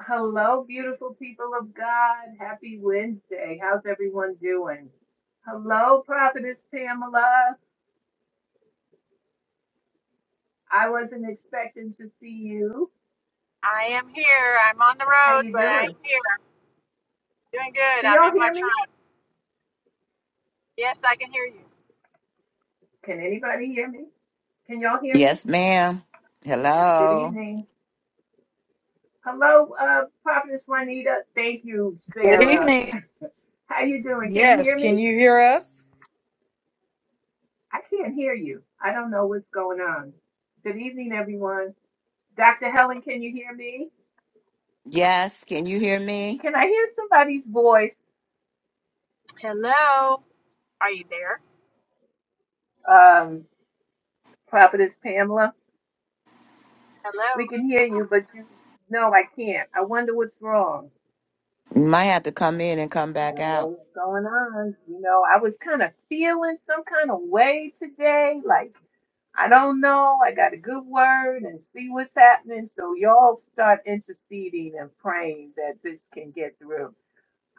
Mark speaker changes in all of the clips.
Speaker 1: Hello, beautiful people of God. Happy Wednesday. How's everyone doing? Hello, Prophetess Pamela. I wasn't expecting to see you.
Speaker 2: I am here. I'm on the
Speaker 1: How
Speaker 2: road,
Speaker 1: you
Speaker 2: but I'm
Speaker 1: doing?
Speaker 2: here. doing good.
Speaker 1: Can
Speaker 2: I'm
Speaker 1: y'all
Speaker 2: in my
Speaker 1: hear me?
Speaker 2: truck. Yes, I can hear you.
Speaker 1: Can anybody hear me? Can y'all hear me?
Speaker 3: Yes, ma'am.
Speaker 1: Good
Speaker 3: Hello.
Speaker 1: evening. Hello, uh, Prophetess Juanita. Thank you,
Speaker 4: Good
Speaker 1: Sarah.
Speaker 4: evening.
Speaker 1: How you doing? Can you
Speaker 4: Yes.
Speaker 1: hear
Speaker 4: Can
Speaker 1: me?
Speaker 4: you hear us?
Speaker 1: I can't hear you. I don't know what's going on. Good evening, everyone. Dr. Helen, can you hear me?
Speaker 3: Yes, can you hear me?
Speaker 1: Can I hear somebody's voice?
Speaker 2: Hello. Are you there?
Speaker 1: um, Prophetess Pamela.
Speaker 2: Hello.
Speaker 1: We can hear you, but you, no, I can't. I wonder what's wrong.
Speaker 3: You might have to come in and come
Speaker 1: I
Speaker 3: back
Speaker 1: don't know
Speaker 3: out.
Speaker 1: what's going on. You know, I was kind of feeling some kind of way today. Like, I don't know. I got a good word and see what's happening. So, y'all start interceding and praying that this can get through.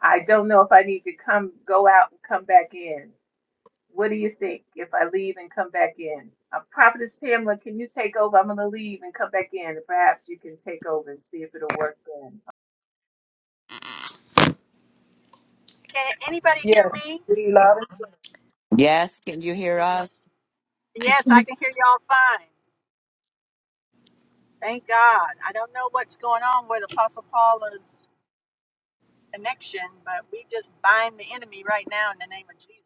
Speaker 1: I don't know if I need to come, go out and come back in. What do you think if I leave and come back in? Uh, Prophetess Pamela, can you take over? I'm going to leave and come back in. Perhaps you can take over and see if it'll work then.
Speaker 2: Can anybody hear
Speaker 4: Yes.
Speaker 2: me?
Speaker 4: We love it.
Speaker 3: Yes, can you hear us?
Speaker 5: I
Speaker 2: Yes, I
Speaker 5: can.
Speaker 2: can hear y'all fine. Thank God. I don't know what's going on with Apostle Paula's connection, but we just bind the enemy right now in the name of Jesus.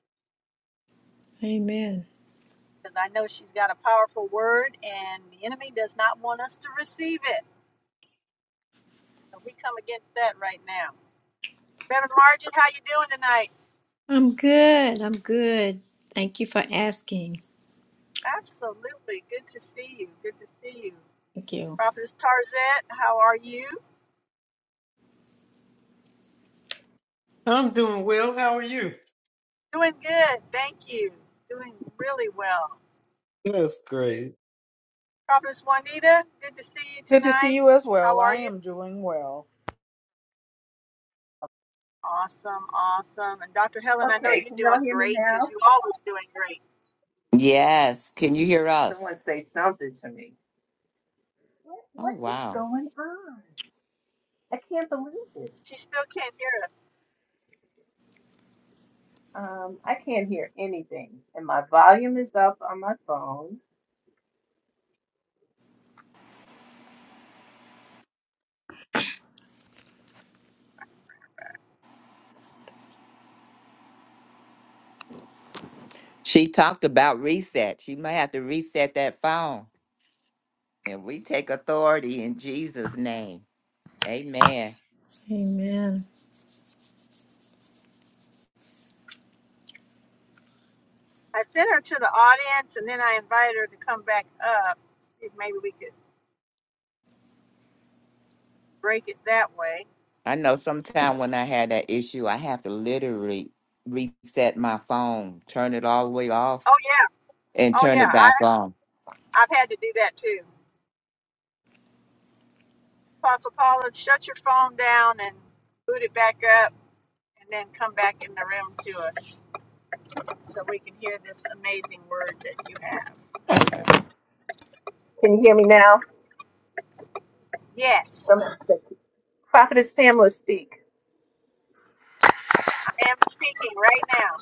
Speaker 5: Amen.
Speaker 2: Because I know she's got a powerful word, and the enemy does not want us to receive it. So we come against that right now. Reverend Margie, how you doing tonight?
Speaker 5: I'm good. I'm good. Thank you for asking.
Speaker 2: Absolutely. Good to see you. Good to see you.
Speaker 5: Thank you.
Speaker 2: Prophetess Tarzette, how are you?
Speaker 6: I'm doing well. How are you?
Speaker 2: Doing good. Thank you. Doing really well.
Speaker 6: That's great.
Speaker 2: Prophetess Juanita, good to see you
Speaker 4: Good to see
Speaker 2: tonight.
Speaker 4: you as
Speaker 2: How
Speaker 4: well.
Speaker 2: are
Speaker 4: I
Speaker 2: you?
Speaker 4: am doing well.
Speaker 2: Awesome. Awesome. And Dr. Helen, I know you're doing great because you always doing great.
Speaker 3: Yes, can you hear us?
Speaker 1: Someone say something to me. What,
Speaker 3: Oh,
Speaker 1: what is
Speaker 3: wow.
Speaker 1: going on? I can't believe it.
Speaker 2: She still can't hear us.
Speaker 1: Um, I can't hear anything. And my volume is up on my phone.
Speaker 3: She talked about reset. She might have to reset that phone. And we take authority in Jesus' name. Amen.
Speaker 5: Amen.
Speaker 2: I sent her to the audience and then I invited her to come back up. See if maybe we could break it that way.
Speaker 3: I know sometime when I had that issue, I have to literally reset my phone, turn it all the way off,
Speaker 2: Oh, yeah.
Speaker 3: and
Speaker 2: Oh,
Speaker 3: turn
Speaker 2: yeah.
Speaker 3: it
Speaker 2: I,
Speaker 3: back on.
Speaker 2: I've had to do that too. Apostle Paula, shut your phone down and boot it back up and then come back in the room to us so we can hear this amazing word that you have.
Speaker 1: Can you hear me now?
Speaker 2: Yes,
Speaker 1: Some, Prophetess Pamela, speak.
Speaker 2: I am speaking right now.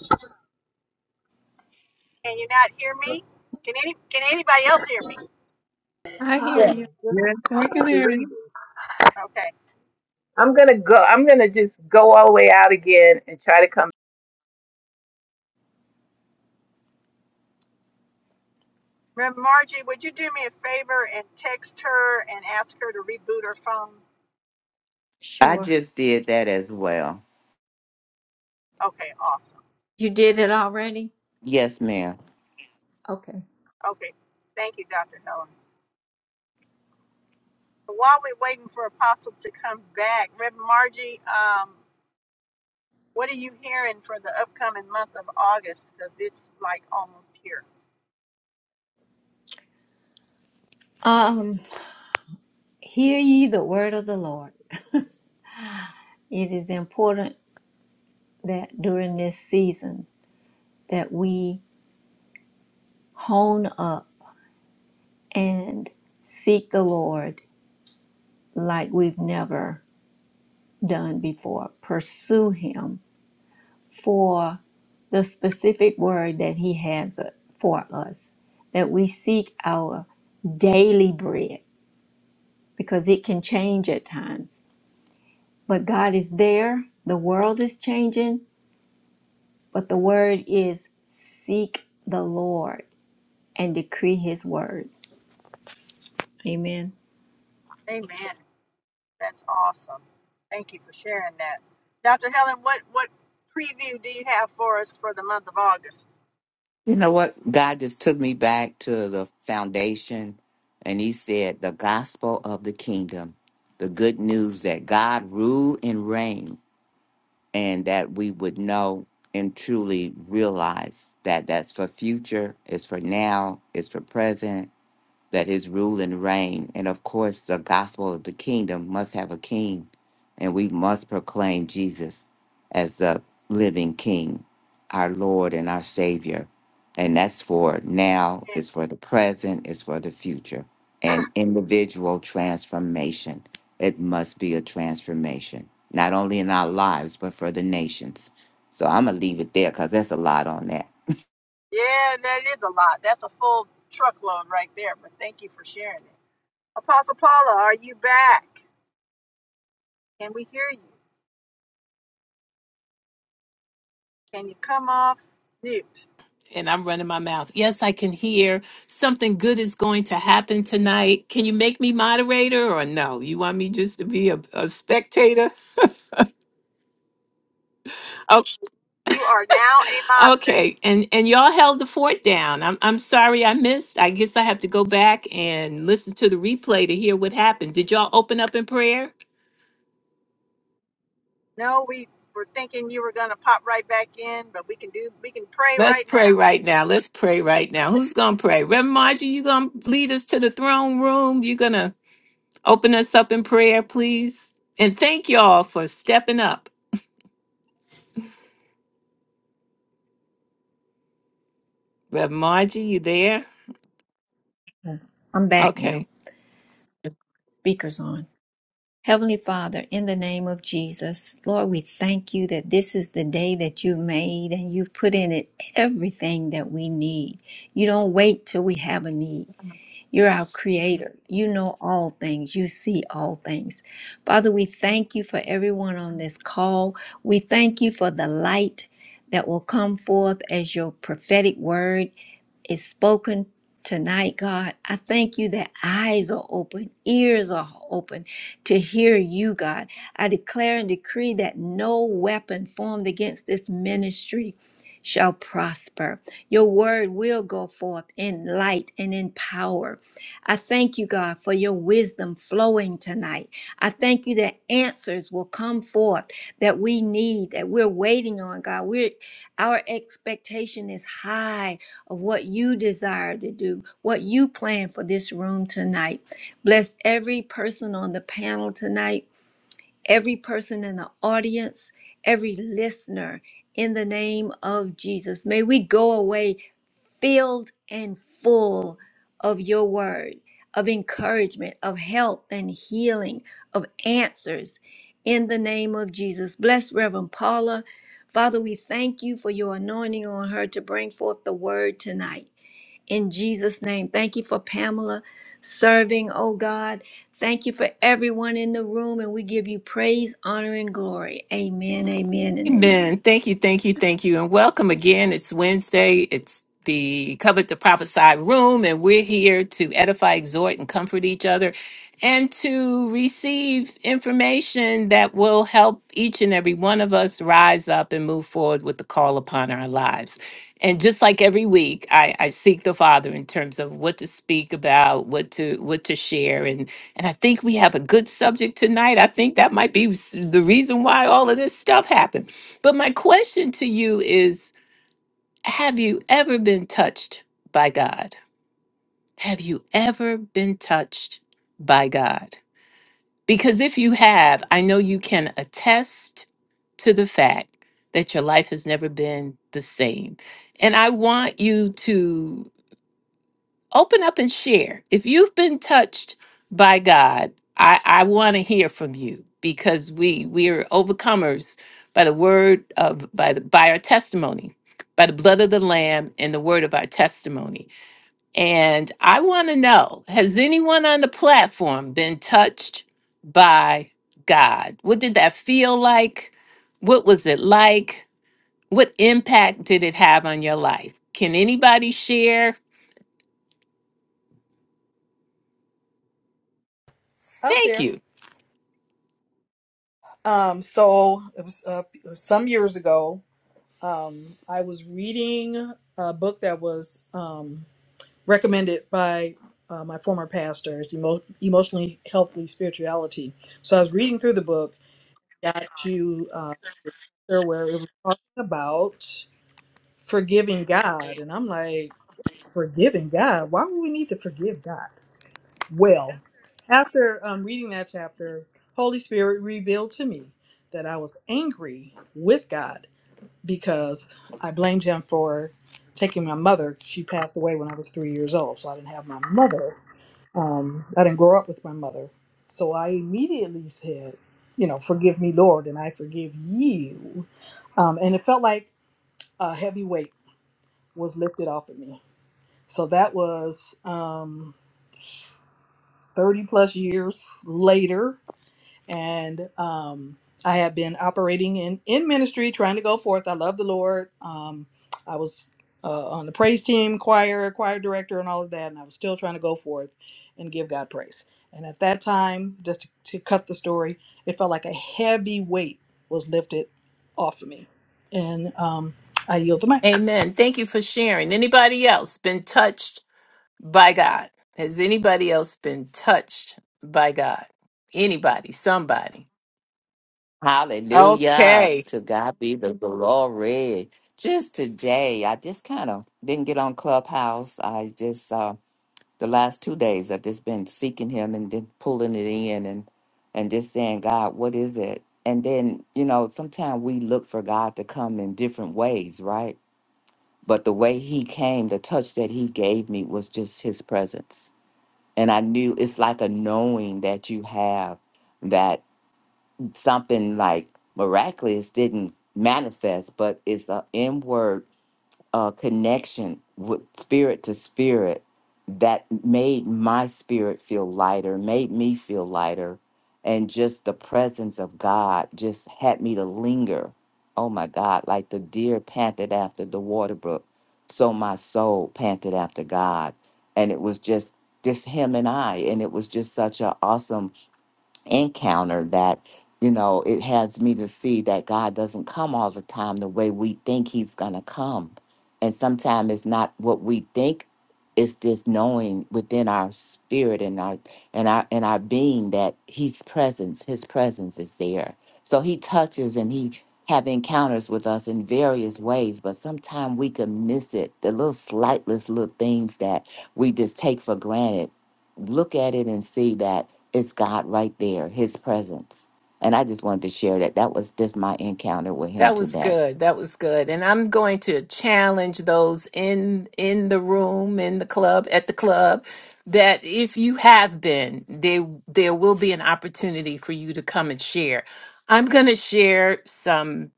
Speaker 2: Can you not hear me? Can any can anybody else hear me?
Speaker 5: I hear
Speaker 1: Oh,
Speaker 4: Yeah.
Speaker 1: my
Speaker 5: you.
Speaker 1: goodness,
Speaker 6: Yes, we can hear you.
Speaker 1: believe it.
Speaker 2: Okay.
Speaker 1: I'm going to go. I'm going to just go all the way out again and try to come.
Speaker 2: Rev. Margie, would you do me a favor and text her and ask her to reboot her phone?
Speaker 3: I
Speaker 5: Sure.
Speaker 3: just did that as well.
Speaker 2: Okay, awesome.
Speaker 5: You did it already?
Speaker 3: Yes, ma'am.
Speaker 5: Okay.
Speaker 2: Okay. Thank you, Dr. Helen. While we're waiting for Apostle to come back, Rev. Margie, um, What are you hearing for the upcoming month of August? Because it's like almost here.
Speaker 5: Um, hear ye the word of the Lord. It is important that during this season that we hone up and seek the Lord like we've never done before. Pursue him for the specific word that He has uh, for us, that we seek our daily bread because it can change at times. But God is there, the world is changing, but the word is seek the Lord and decree His word. Amen.
Speaker 2: Amen. That's awesome. Thank you for sharing that. Dr. Helen, what, what preview do you have for us for the month of August?
Speaker 3: You know what? God just took me back to the foundation and he said, the gospel of the kingdom, the good news that God rule and reign and that we would know and truly realize that that's for future, it's for now, it's for present, that his rule and reign, and of course, the gospel of the kingdom must have a king, and we must proclaim Jesus as the living king, our Lord and our Savior. And that's for now,
Speaker 2: Yeah,
Speaker 3: it's for the present, it's for the future. And individual transformation. It must be a transformation, not only in our lives, but for the nations. So I'm going to leave it there because that's a lot on that.
Speaker 2: yeah, that is a lot. That's a full truckload right there, but thank you for sharing it. Apostle Paula, are you back? Can we hear you? Can you come off mute?
Speaker 1: and I'm running my mouth. Yes, I can hear something good is going to happen tonight. Can you make me moderator or no? You want me just to be a, a spectator? Oh,
Speaker 2: You are now a moderator.
Speaker 1: okay. And and y'all held the fort down. I'm I'm sorry I missed. I guess I have to go back and listen to the replay to hear what happened. Did y'all open up in prayer?
Speaker 2: No, we were thinking you were going to pop right back in, but we can do we can pray
Speaker 1: Let's
Speaker 2: right
Speaker 1: pray
Speaker 2: now.
Speaker 1: right now. Let's pray right now. Who's gonna pray? Reverend Margie, you gonna lead us to the throne room? You gonna open us up in prayer, please? And thank y'all for stepping up. Rev Margie, you there?
Speaker 5: I'm back
Speaker 1: Okay.
Speaker 5: now. Speaker's on. Heavenly Father, in the name of Jesus, Lord, we thank you that this is the day that you've made and you've put in it everything that we need. You don't wait till we have a need. You're our creator. You know all things. You see all things. Father, we thank you for everyone on this call. We thank you for the light that will come forth as your prophetic word is spoken tonight, God. I thank you that eyes are open, ears are open to hear you, God. I declare and decree that no weapon formed against this ministry shall prosper. Your word will go forth in light and in power. I thank you, God, for your wisdom flowing tonight. I thank you that answers will come forth that we need, that we're waiting on, God. We're our expectation is high of what you desire to do, what you plan for this room tonight. Bless every person on the panel tonight, every person in the audience, every listener in the name of Jesus. May we go away filled and full of your word, of encouragement, of health and healing, of answers in the name of Jesus. Bless Reverend Paula. Father, we thank you for your anointing on her to bring forth the word tonight in Jesus' name. Thank you for Pamela serving, oh God. Thank you for everyone in the room, and we give you praise, honor, and glory. Amen, amen, and amen.
Speaker 1: Amen. Thank you, thank you, thank you. And welcome again. It's Wednesday. It's the Covet to Prophesy room, and we're here to edify, exhort, and comfort each other and to receive information that will help each and every one of us rise up and move forward with the call upon our lives. And just like every week, I, I seek the Father in terms of what to speak about, what to what to share, and and I think we have a good subject tonight. I think that might be s- the reason why all of this stuff happened but my question to you is Have you ever been touched by God? Have you ever been touched by God? Because if you have, I know you can attest to the fact that your life has never been the same. And I want you to open up and share. If you've been touched by God, I, I want to hear from you because we we are overcomers by the word of by the by our testimony, by the blood of the Lamb and the word of our testimony. And I want to know: Has anyone on the platform been touched by God? What did that feel like? What was it like? What impact did it have on your life? Can anybody share?
Speaker 4: I'll
Speaker 1: Thank
Speaker 4: share.
Speaker 1: you.
Speaker 4: Um, so it was uh, some years ago. Um, I was reading a book that was um, recommended by uh, my former pastor. It's emo- emotionally healthy spirituality. So I was reading through the book. Got to uh, where it was talking about forgiving God, and I'm like forgiving God. Why would we need to forgive God? Well, after um, reading that chapter, Holy Spirit revealed to me that I was angry with God because I blamed Him for taking my mother. She passed away when I was three years old, so I didn't have my mother. Um, I didn't grow up with my mother. So I immediately said, You know, forgive me, Lord, and I forgive you. Um, and it felt like a heavy weight was lifted off of me so that was um, 30 plus years later. And um, I have been operating in, in ministry, trying to go forth. I love the Lord. Um, I was uh, on the praise team, choir, choir director, and all of that. And I was still trying to go forth and give God praise. And at that time, just to, to cut the story, it felt like a heavy weight was lifted off of me. And um, I yield the mic.
Speaker 1: Amen. Thank you for sharing. Anybody else been touched by God? Has anybody else been touched by God? Anybody, somebody.
Speaker 3: Hallelujah.
Speaker 1: Okay.
Speaker 3: To God be the glory. Just today, I just kind of didn't get on Clubhouse. I just, uh, the last two days, I've just been seeking Him and then pulling it in and, and just saying, God, what is it? And then, you know, sometimes we look for God to come in different ways, right? But the way He came, the touch that He gave me was just His presence. And I knew it's like a knowing that you have that something like miraculous didn't manifest, but it's an inward uh, connection with spirit to spirit that made my spirit feel lighter, made me feel lighter. And just the presence of God just had me to linger. Oh my God, like the deer panted after the water brook. So my soul panted after God. And it was just just him and I. And it was just such an awesome encounter that you know it has me to see that god doesn't come all the time the way we think he's gonna come and sometimes it's not what we think it's this knowing within our spirit and our and our and our being that his presence his presence is there so he touches and he have encounters with us in various ways but sometimes we can miss it the little slightless little things that we just take for granted look at it and see that it's God right there, His presence. And I just wanted to share that. That was just my encounter with Him
Speaker 1: That was
Speaker 3: today.
Speaker 1: good. That was good. And I'm going to challenge those in in the room, in the club, at the club, that if you have been, they there will be an opportunity for you to come and share. I'm going to share some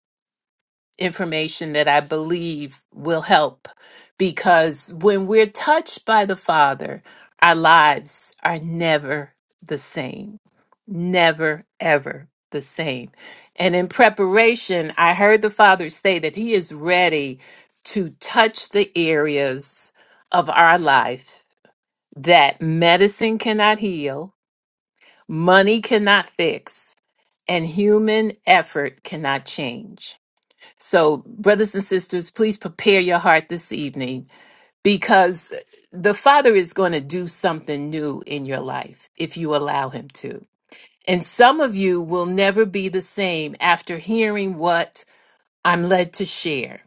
Speaker 1: information that I believe will help because when we're touched by the Father, our lives are never the same. Never, ever the same. And in preparation, I heard the Father say that He is ready to touch the areas of our life that medicine cannot heal, money cannot fix, and human effort cannot change so, brothers and sisters, please prepare your heart this evening because the Father is going to do something new in your life if you allow Him to. And some of you will never be the same after hearing what I'm led to share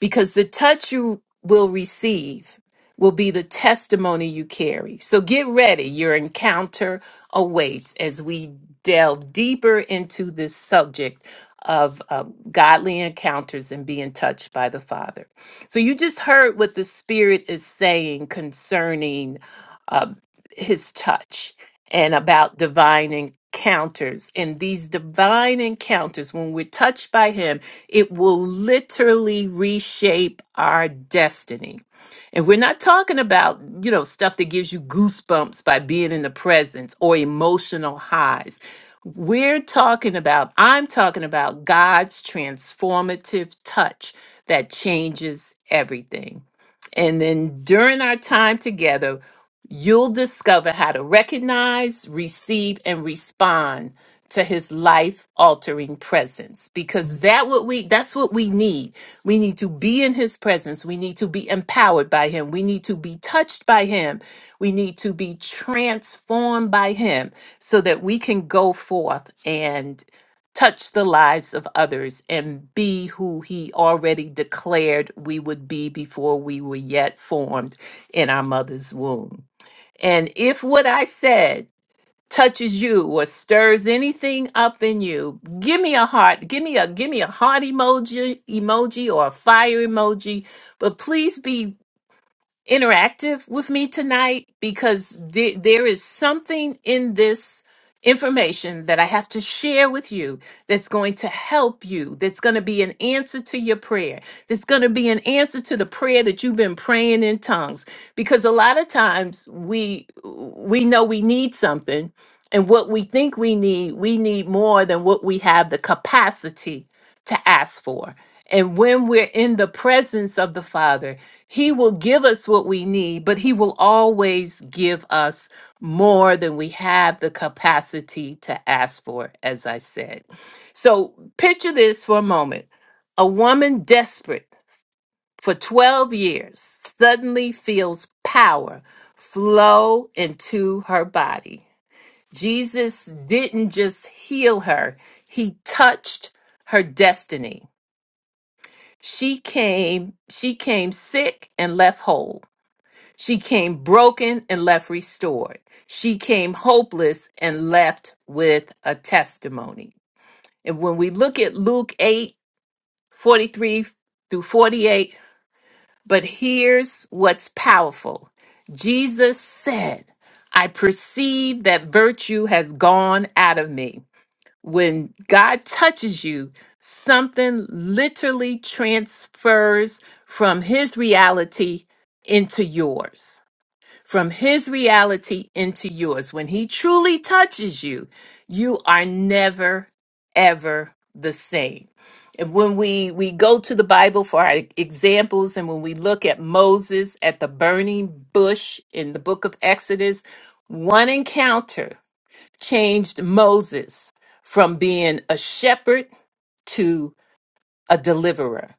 Speaker 1: because the touch you will receive will be the testimony you carry. So get ready. Your encounter awaits as we delve deeper into this subject of uh, godly encounters and being touched by the Father. So you just heard what the Spirit is saying concerning uh, his touch and about divine encounters. And these divine encounters, when we're touched by Him, it will literally reshape our destiny. And we're not talking about, you know, stuff that gives you goosebumps by being in the presence or emotional highs. We're talking about, I'm talking about God's transformative touch that changes everything. And then during our time together, You'll discover how to recognize, receive, and respond to his life altering presence because that what we that's what we need we need to be in his presence we need to be empowered by him we need to be touched by him we need to be transformed by him so that we can go forth and touch the lives of others and be who he already declared we would be before we were yet formed in our mother's womb and if what I said touches you or stirs anything up in you, give me a heart, give me a give me a heart emoji emoji or a fire emoji, but please be interactive with me tonight because the, there is something in this information that I have to share with you that's going to help you, that's going to be an answer to your prayer, that's going to be an answer to the prayer that you've been praying in tongues because a lot of times we we know we need something and what we think we need, we need more than what we have the capacity to ask for. And when we're in the presence of the Father, He will give us what we need, but He will always give us more than we have the capacity to ask for, as I said. So picture this for a moment a woman desperate for 12 years suddenly feels power flow into her body. Jesus didn't just heal her, He touched her destiny. She came, she came sick and left whole. She came broken and left restored. She came hopeless and left with a testimony. And when we look at Luke 8 43 through 48, but here's what's powerful. Jesus said, I perceive that virtue has gone out of me when God touches you, something literally transfers from his reality into yours. From his reality into yours. When he truly touches you, you are never, ever the same. And when we, we go to the Bible for our examples, and when we look at Moses at the burning bush in the book of Exodus, one encounter changed Moses from being a shepherd to a deliverer.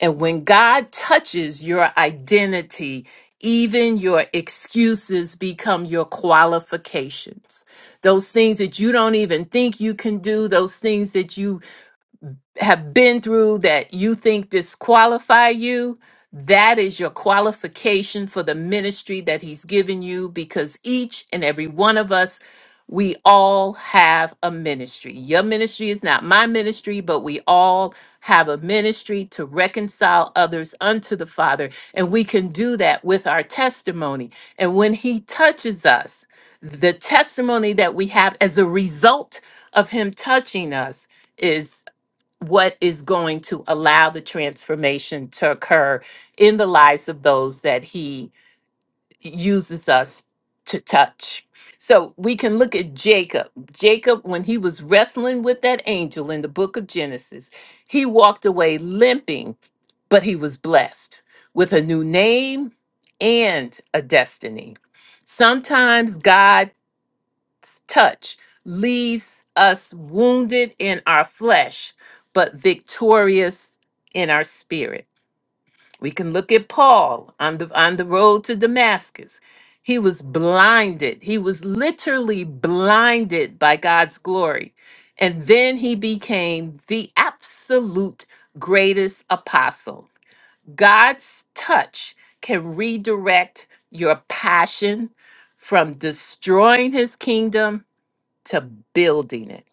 Speaker 1: And when God touches your identity, even your excuses become your qualifications. Those things that you don't even think you can do, those things that you have been through that you think disqualify you, that is your qualification for the ministry that he's given you because each and every one of us, we all have a ministry. Your ministry is not my ministry, but we all have a ministry to reconcile others unto the Father. And we can do that with our testimony. And when he touches us, the testimony that we have as a result of him touching us is what is going to allow the transformation to occur in the lives of those that he uses us to touch. So we can look at Jacob. Jacob, when he was wrestling with that angel in the book of Genesis, he walked away limping, but he was blessed with a new name and a destiny. Sometimes God touch leaves us wounded in our flesh, but victorious in our spirit. We can look at Paul on the on the road to Damascus. He was blinded. He was literally blinded by God's glory. And then he became the absolute greatest apostle. God's touch can redirect your passion from destroying his kingdom to building it.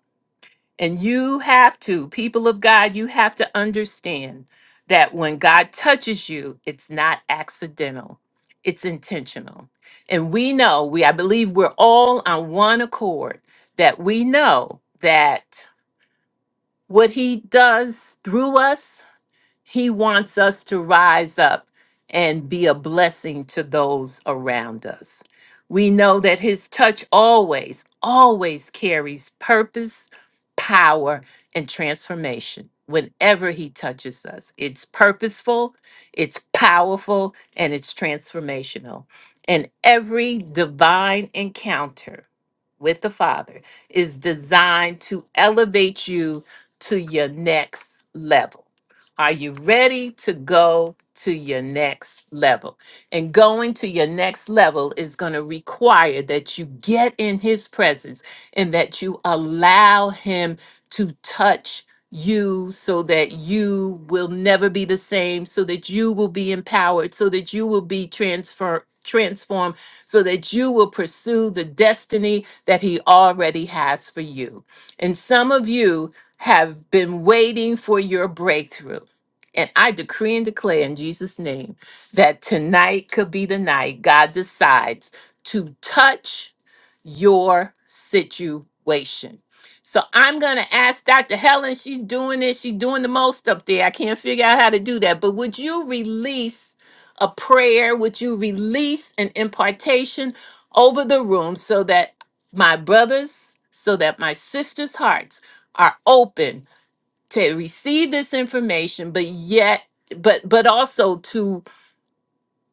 Speaker 1: And you have to, people of God, you have to understand that when God touches you, it's not accidental, it's intentional. And we know, we I believe we're all on one accord that we know that what he does through us he wants us to rise up and be a blessing to those around us. We know that His touch always, always carries purpose, power, and transformation. Whenever He touches us, it's purposeful, it's powerful, and it's transformational. And every divine encounter with the Father is designed to elevate you to your next level are you ready to go to your next level? And going to your next level is going to require that you get in his presence and that you allow him to touch you so that you will never be the same, so that you will be empowered, so that you will be transfer transformed, so that you will pursue the destiny that he already has for you. And some of you have been waiting for your breakthrough. And I decree and declare in Jesus' name that tonight could be the night God decides to touch your situation. So I'm going to ask Dr. Helen, she's doing it. She's doing the most up there. I can't figure out how to do that. But would you release a prayer? Would you release an impartation over the room so that my brothers, so that my sisters' hearts are open to receive this information but yet but but also to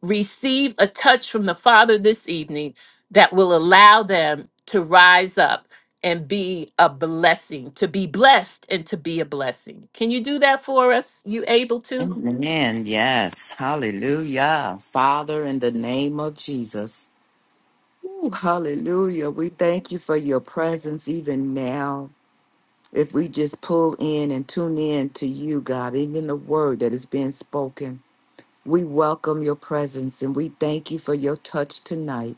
Speaker 1: receive a touch from the father this evening that will allow them to rise up and be a blessing to be blessed and to be a blessing can you do that for us you able to
Speaker 3: Amen. Yes. Hallelujah. Father, in the name of Jesus. Ooh, hallelujah. We thank you for your presence even now. If we just pull in and tune in to you, God, even the word that is being spoken, we welcome your presence and we thank you for your touch tonight.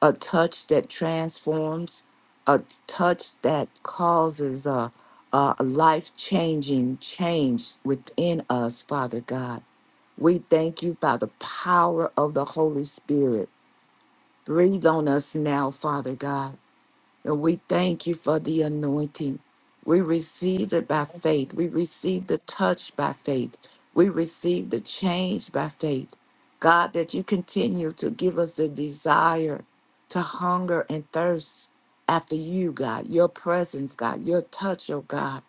Speaker 3: a touch that transforms, a touch that causes a, a life changing change within us, Father God. We thank you by the power of the Holy Spirit. Breathe on us now, Father God and we thank you for the anointing. We receive it by faith. We receive the touch by faith. We receive the change by faith. God, that you continue to give us the desire to hunger and thirst after you, God, your presence, God, your touch, oh God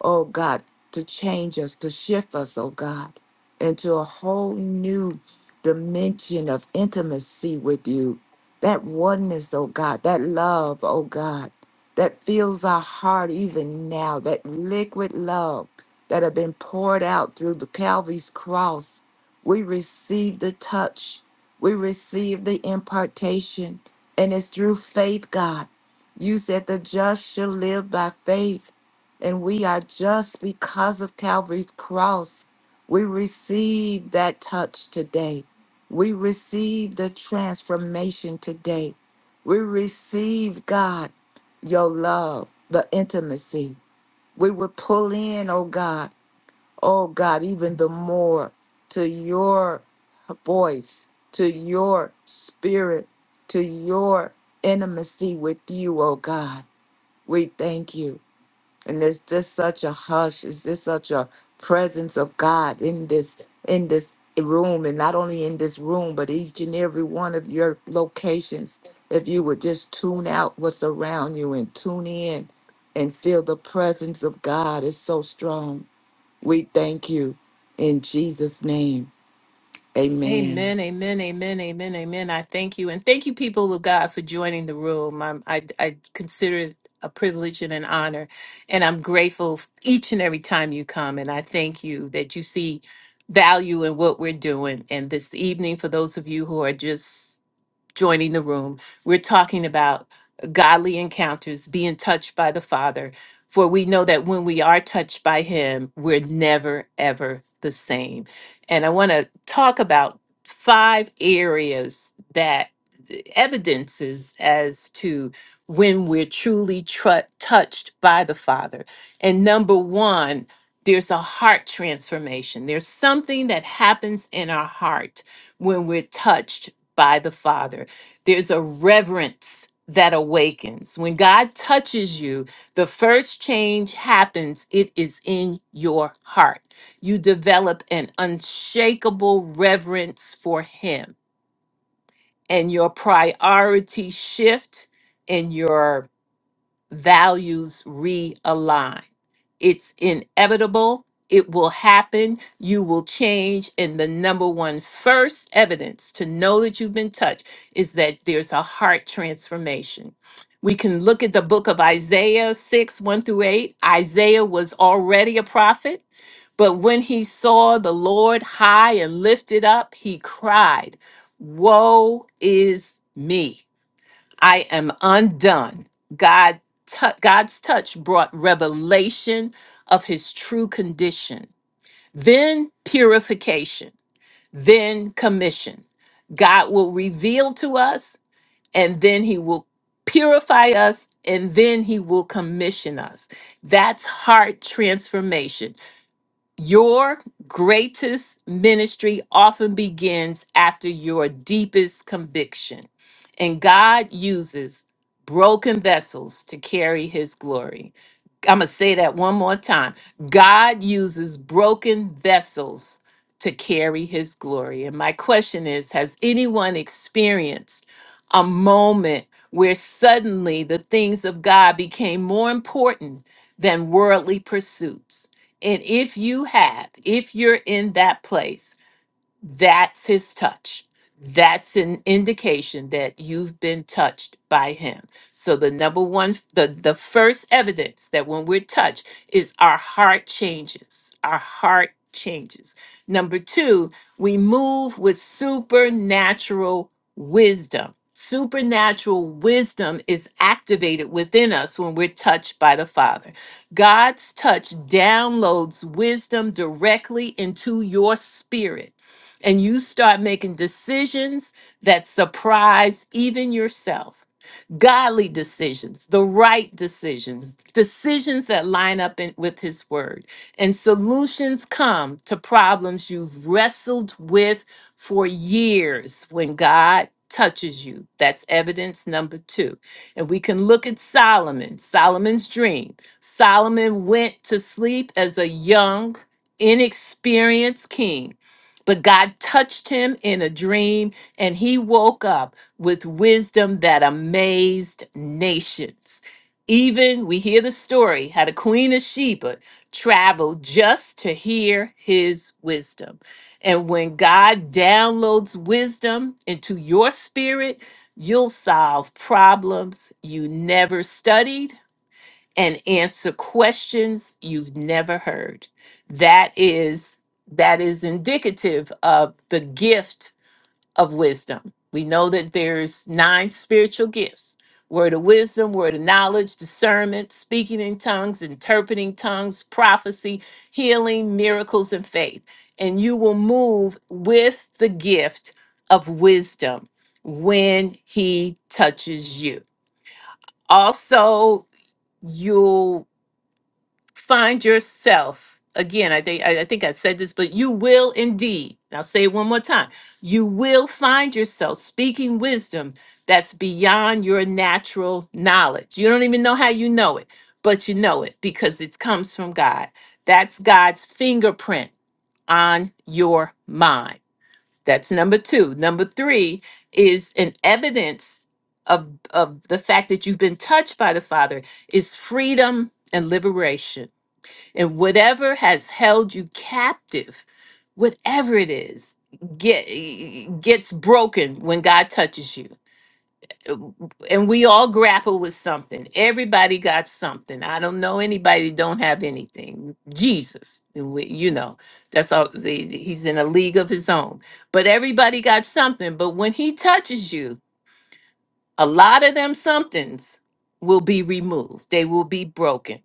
Speaker 3: oh God, to change us, to shift us, oh God, into a whole new dimension of intimacy with you. That oneness, oh God, that love, oh God, that fills our heart even now, that liquid love that have been poured out through the Calvary's cross. We receive the touch, we receive the impartation, and it's through faith, God. You said the just shall live by faith and we are just because of Calvary's cross. We receive that touch today. We receive the transformation today. We receive, God, your love, the intimacy. We would pull in, oh God, oh God, even the more to your voice, to your spirit, to your intimacy with you, oh God. We thank you and there's just such a hush it's just such a presence of god in this in this room and not only in this room but each and every one of your locations if you would just tune out what's around you and tune in and feel the presence of god is so strong we thank you in jesus name amen
Speaker 1: Amen, amen, amen, amen, amen. I thank you. And thank you, people of God, for joining the room. I'm, I, I consider it a privilege and an honor. And I'm grateful f- each and every time you come. And I thank you that you see value in what we're doing. And this evening, for those of you who are just joining the room, we're talking about godly encounters, being touched by the Father. For we know that when we are touched by Him, we're never, ever the same. And I want to talk about five areas that evidences as to when we're truly tru- touched by the Father. And number one, there's a heart transformation. There's something that happens in our heart when we're touched by the Father there's a reverence that awakens. When God touches you, the first change happens. It is in your heart. You develop an unshakable reverence for Him, and your priority shift and your values realign. It's inevitable. It will happen. You will change. And the number one first evidence to know that you've been touched is that there's a heart transformation. We can look at the book of Isaiah 6, 1 through 8. Isaiah was already a prophet, but when he saw the Lord high and lifted up, he cried, Woe is me. I am undone. God tou- God's touch brought revelation of his true condition, then purification, then commission. God will reveal to us and then he will purify us and then he will commission us. That's heart transformation. Your greatest ministry often begins after your deepest conviction, and God uses broken vessels to carry his glory. I'm going to say that one more time. God uses broken vessels to carry his glory. And my question is Has anyone experienced a moment where suddenly the things of God became more important than worldly pursuits? And if you have, if you're in that place, that's his touch. That's an indication that you've been touched by him. So the number one the the first evidence that when we're touched is our heart changes. Our heart changes. Number 2, we move with supernatural wisdom. Supernatural wisdom is activated within us when we're touched by the Father. God's touch downloads wisdom directly into your spirit and you start making decisions that surprise even yourself godly decisions, the right decisions, decisions that line up in, with His Word. And solutions come to problems you've wrestled with for years when God touches you. That's evidence number two. And we can look at Solomon, Solomon's dream. Solomon went to sleep as a young, inexperienced king. But God touched him in a dream and he woke up with wisdom that amazed nations. Even we hear the story how the Queen of Sheba traveled just to hear his wisdom. And when God downloads wisdom into your spirit, you'll solve problems you never studied and answer questions you've never heard. That is that is indicative of the gift of wisdom. We know that there's nine spiritual gifts. Word of wisdom, word of knowledge, discernment, speaking in tongues, interpreting tongues, prophecy, healing, miracles, and faith. And you will move with the gift of wisdom when he touches you. Also, you'll find yourself again i think I, I think i said this but you will indeed i'll say it one more time you will find yourself speaking wisdom that's beyond your natural knowledge you don't even know how you know it but you know it because it comes from god that's god's fingerprint on your mind that's number two number three is an evidence of of the fact that you've been touched by the father is freedom and liberation and whatever has held you captive, whatever it is, get, gets broken when God touches you. And we all grapple with something. Everybody got something. I don't know anybody that don't have anything. Jesus, and we, you know, that's all. the- the- He's in a league of his own. But everybody got something. But when he touches you, a lot of them somethings will be removed. They will be broken.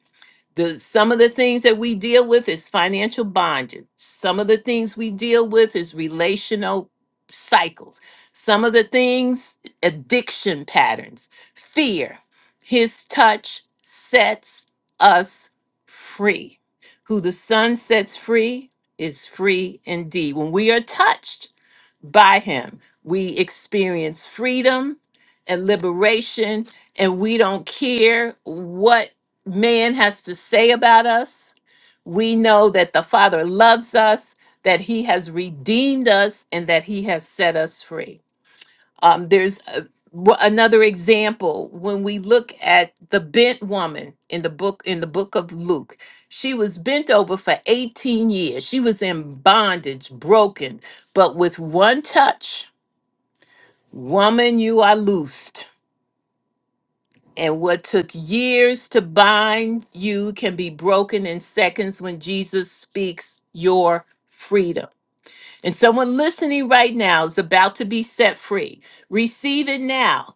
Speaker 1: The some of the things that we deal with is financial bondage. Some of the things we deal with is relational cycles. Some of the things addiction patterns, fear. His touch sets us free. Who the sun sets free is free indeed. When we are touched by him. We experience freedom and liberation, and we don't care what man has to say about us. We know that the Father loves us, that he has redeemed us, and that he has set us free. Um, there's a, w- another example when we look at the bent woman in the book in the book of Luke. She was bent over for 18 years. She was in bondage, broken, but with one touch Woman, you are loosed, and what took years to bind you can be broken in seconds when Jesus speaks your freedom. And someone listening right now is about to be set free. Receive it now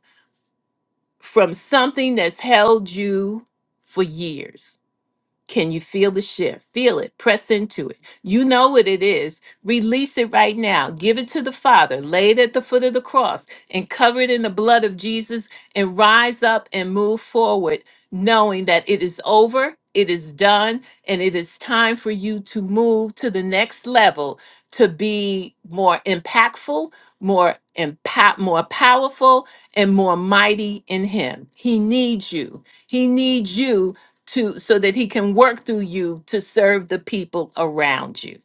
Speaker 1: from something that's held you for years. Can you feel the shift? Feel it. Press into it. You know what it is. Release it right now. Give it to the Father. Lay it at the foot of the cross and cover it in the blood of Jesus and rise up and move forward, knowing that it is over, it is done, and it is time for you to move to the next level to be more impactful, more impact, more powerful, and more mighty in Him. He needs you. He needs you to so that he can work through you to serve the people around you.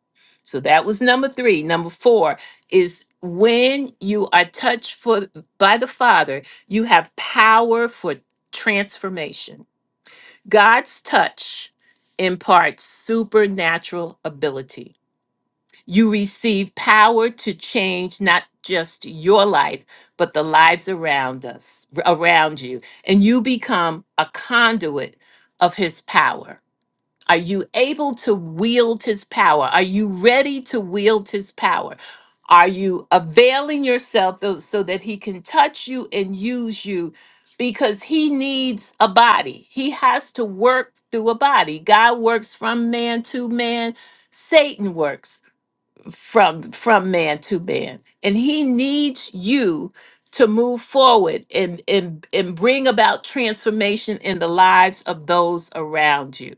Speaker 1: So that was number 3. Number 4 is when you are touched for by the Father, you have power for transformation. God's touch imparts supernatural ability. You receive power to change not just your life, but the lives around us, around you, and you become a conduit of his power. Are you able to wield his power? Are you ready to wield his power? Are you availing yourself tho- so that he can touch you and use you? Because he needs a body. He has to work through a body. God works from man to man. Satan works from from man to man. And he needs you to move forward and, and, and bring about transformation in the lives of those around you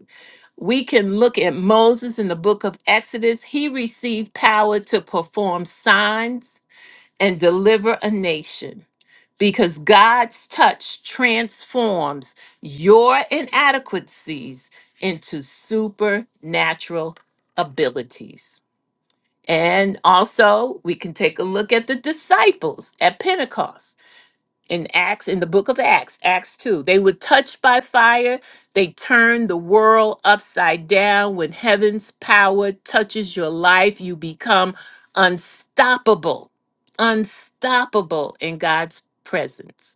Speaker 1: we can look at Moses in the book of Exodus. He received power to perform signs and deliver a nation because God's touch transforms your inadequacies into supernatural abilities. And also, we can take a look at the disciples at Pentecost in Acts, in the book of Acts, Acts 2. They were touched by fire. They turned the world upside down. When heaven's power touches your life, you become unstoppable, unstoppable in God's presence.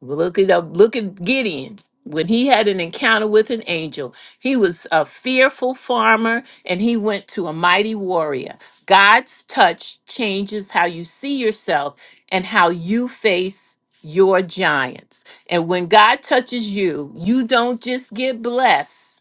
Speaker 1: Look at look at Gideon. When he had an encounter with an angel, he was a fearful farmer and he went to a mighty warrior. God's touch changes how you see yourself and how you face your giants. And when God touches you, you don't just get blessed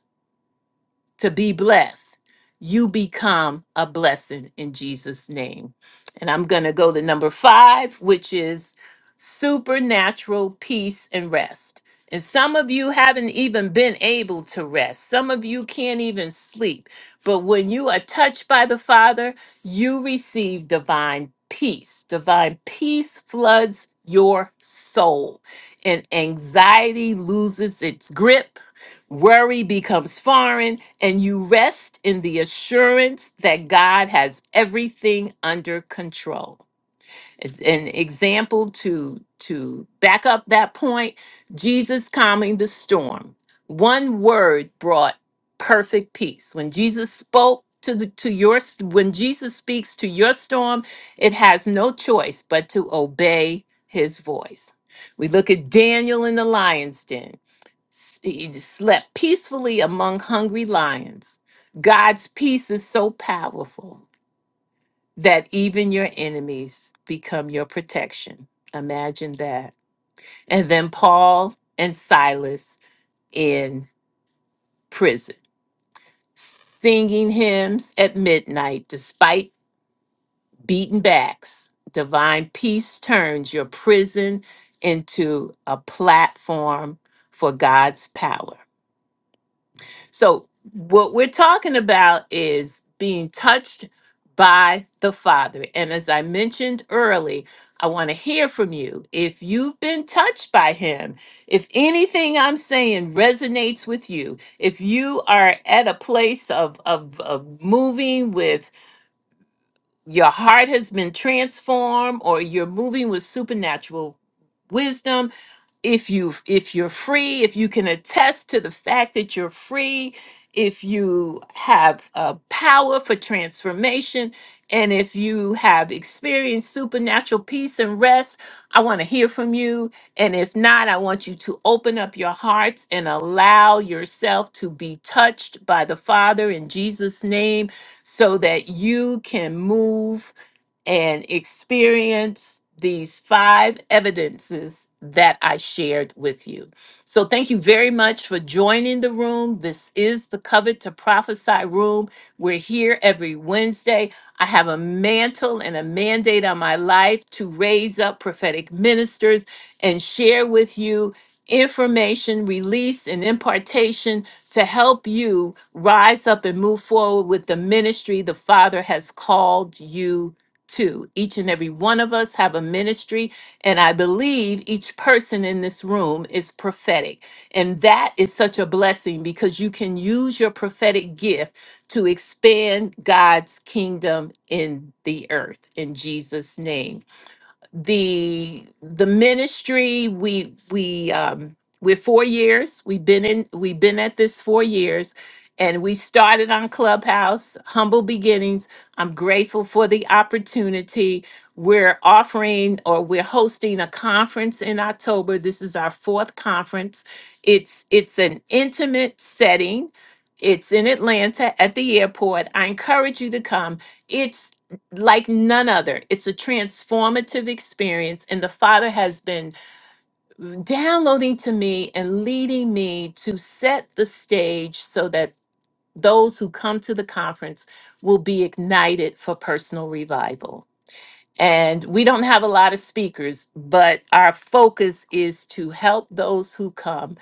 Speaker 1: to be blessed, you become a blessing in Jesus' name. And I'm going to go to number five, which is supernatural peace and rest. And some of you haven't even been able to rest. Some of you can't even sleep. But when you are touched by the Father, you receive divine peace. Divine peace floods your soul, and anxiety loses its grip Worry becomes foreign, and you rest in the assurance that God has everything under control. It's an example to to back up that point jesus calming the storm one word brought perfect peace when jesus spoke to the to your when jesus speaks to your storm it has no choice but to obey his voice we look at daniel in the lion's den S- he slept peacefully among hungry lions god's peace is so powerful that even your enemies become your protection. Imagine that. And then Paul and Silas in prison, singing hymns at midnight despite beaten backs. Divine peace turns your prison into a platform for God's power. So, what we're talking about is being touched by the Father. And as I mentioned early, I want to hear from you. If you've been touched by Him, if anything I'm saying resonates with you, if you are at a place of, of, of moving with your heart has been transformed or you're moving with supernatural wisdom if you if you're free if you can attest to the fact that you're free if you have a power for transformation and if you have experienced supernatural peace and rest i want to hear from you and if not i want you to open up your hearts and allow yourself to be touched by the father in jesus name so that you can move and experience these five evidences that I shared with you. So, thank you very much for joining the room. This is the Covet to Prophesy room. We're here every Wednesday. I have a mantle and a mandate on my life to raise up prophetic ministers and share with you information, release, and impartation to help you rise up and move forward with the ministry the Father has called you to each and every one of us have a ministry and i believe each person in this room is prophetic and that is such a blessing because you can use your prophetic gift to expand god's kingdom in the earth in jesus name the the ministry we we um we're four years we've been in we've been at this four years and we started on clubhouse humble beginnings i'm grateful for the opportunity we're offering or we're hosting a conference in october this is our fourth conference it's it's an intimate setting it's in atlanta at the airport i encourage you to come like none other. It's a transformative experience, and the Father has been downloading to me and leading me to set the stage so that those who come to the conference will be ignited for personal revival. And we don't have a lot of speakers, but our focus is to help those who come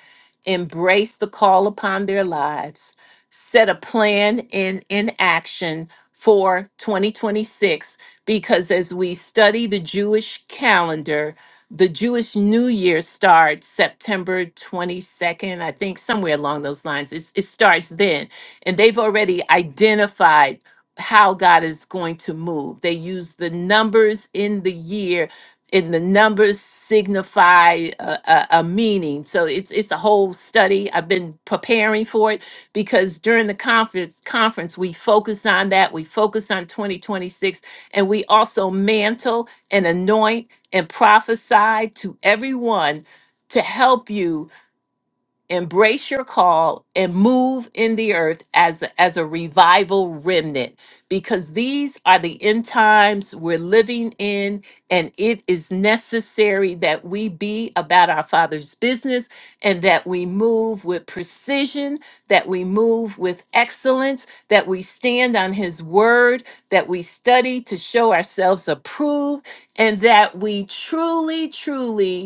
Speaker 1: embrace the call upon their lives, set a plan in, in action for 2026, because as we study the Jewish calendar, the Jewish New Year starts September 22nd, I think somewhere along those lines. It's, it starts then. And they've already identified how God is going to move. They use the numbers in the year, and the numbers signify a, a, a meaning. So it's it's a whole study. I've been preparing for it because during the conference conference we focus on that. We focus on 2026, and we also mantle and anoint and prophesy to everyone to help you embrace your call and move in the earth as as a revival remnant because these are the end times we're living in and it is necessary that we be about our father's business and that we move with precision that we move with excellence that we stand on his word that we study to show ourselves approved and that we truly truly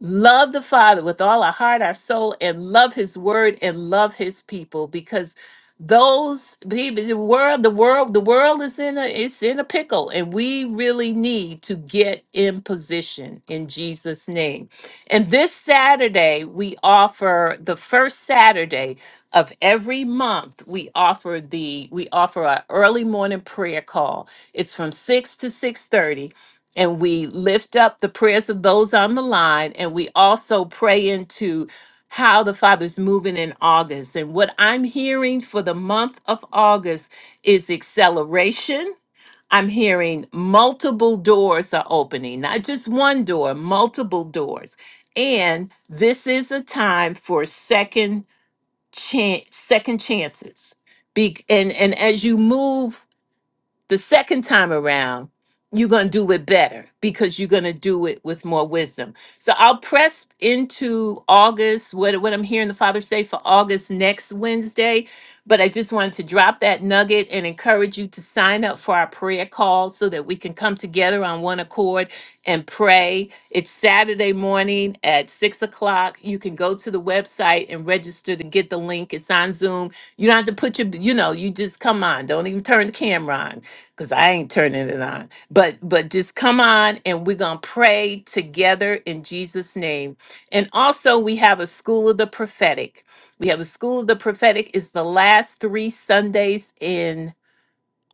Speaker 1: love the Father with all our heart, our soul, and love His Word and love His people because those people, the world, the world, the world is in a it's in a pickle, and we really need to get in position in Jesus' name. And this Saturday, we offer the first Saturday of every month. We offer the we offer our early morning prayer call. It's from six to six thirty and we lift up the prayers of those on the line and we also pray into how the father's moving in august and what i'm hearing for the month of august is acceleration i'm hearing multiple doors are opening not just one door multiple doors and this is a time for second chance second chances Be- and and as you move the second time around, you're going to do it better because you're going to do it with more wisdom. So I'll press into August, what, what I'm hearing the Father say for August next Wednesday. But I just wanted to drop that nugget and encourage you to sign up for our prayer call so that we can come together on one accord and pray. It's Saturday morning at six o'clock. You can go to the website and register to get the link. It's on Zoom. You don't have to put your, you know, you just come on. Don't even turn the camera on because I ain't turning it on. But but just come on and we're gonna pray together in Jesus' name. And also we have a school of the prophetic. We have a school of the prophetic. It's the last three Sundays in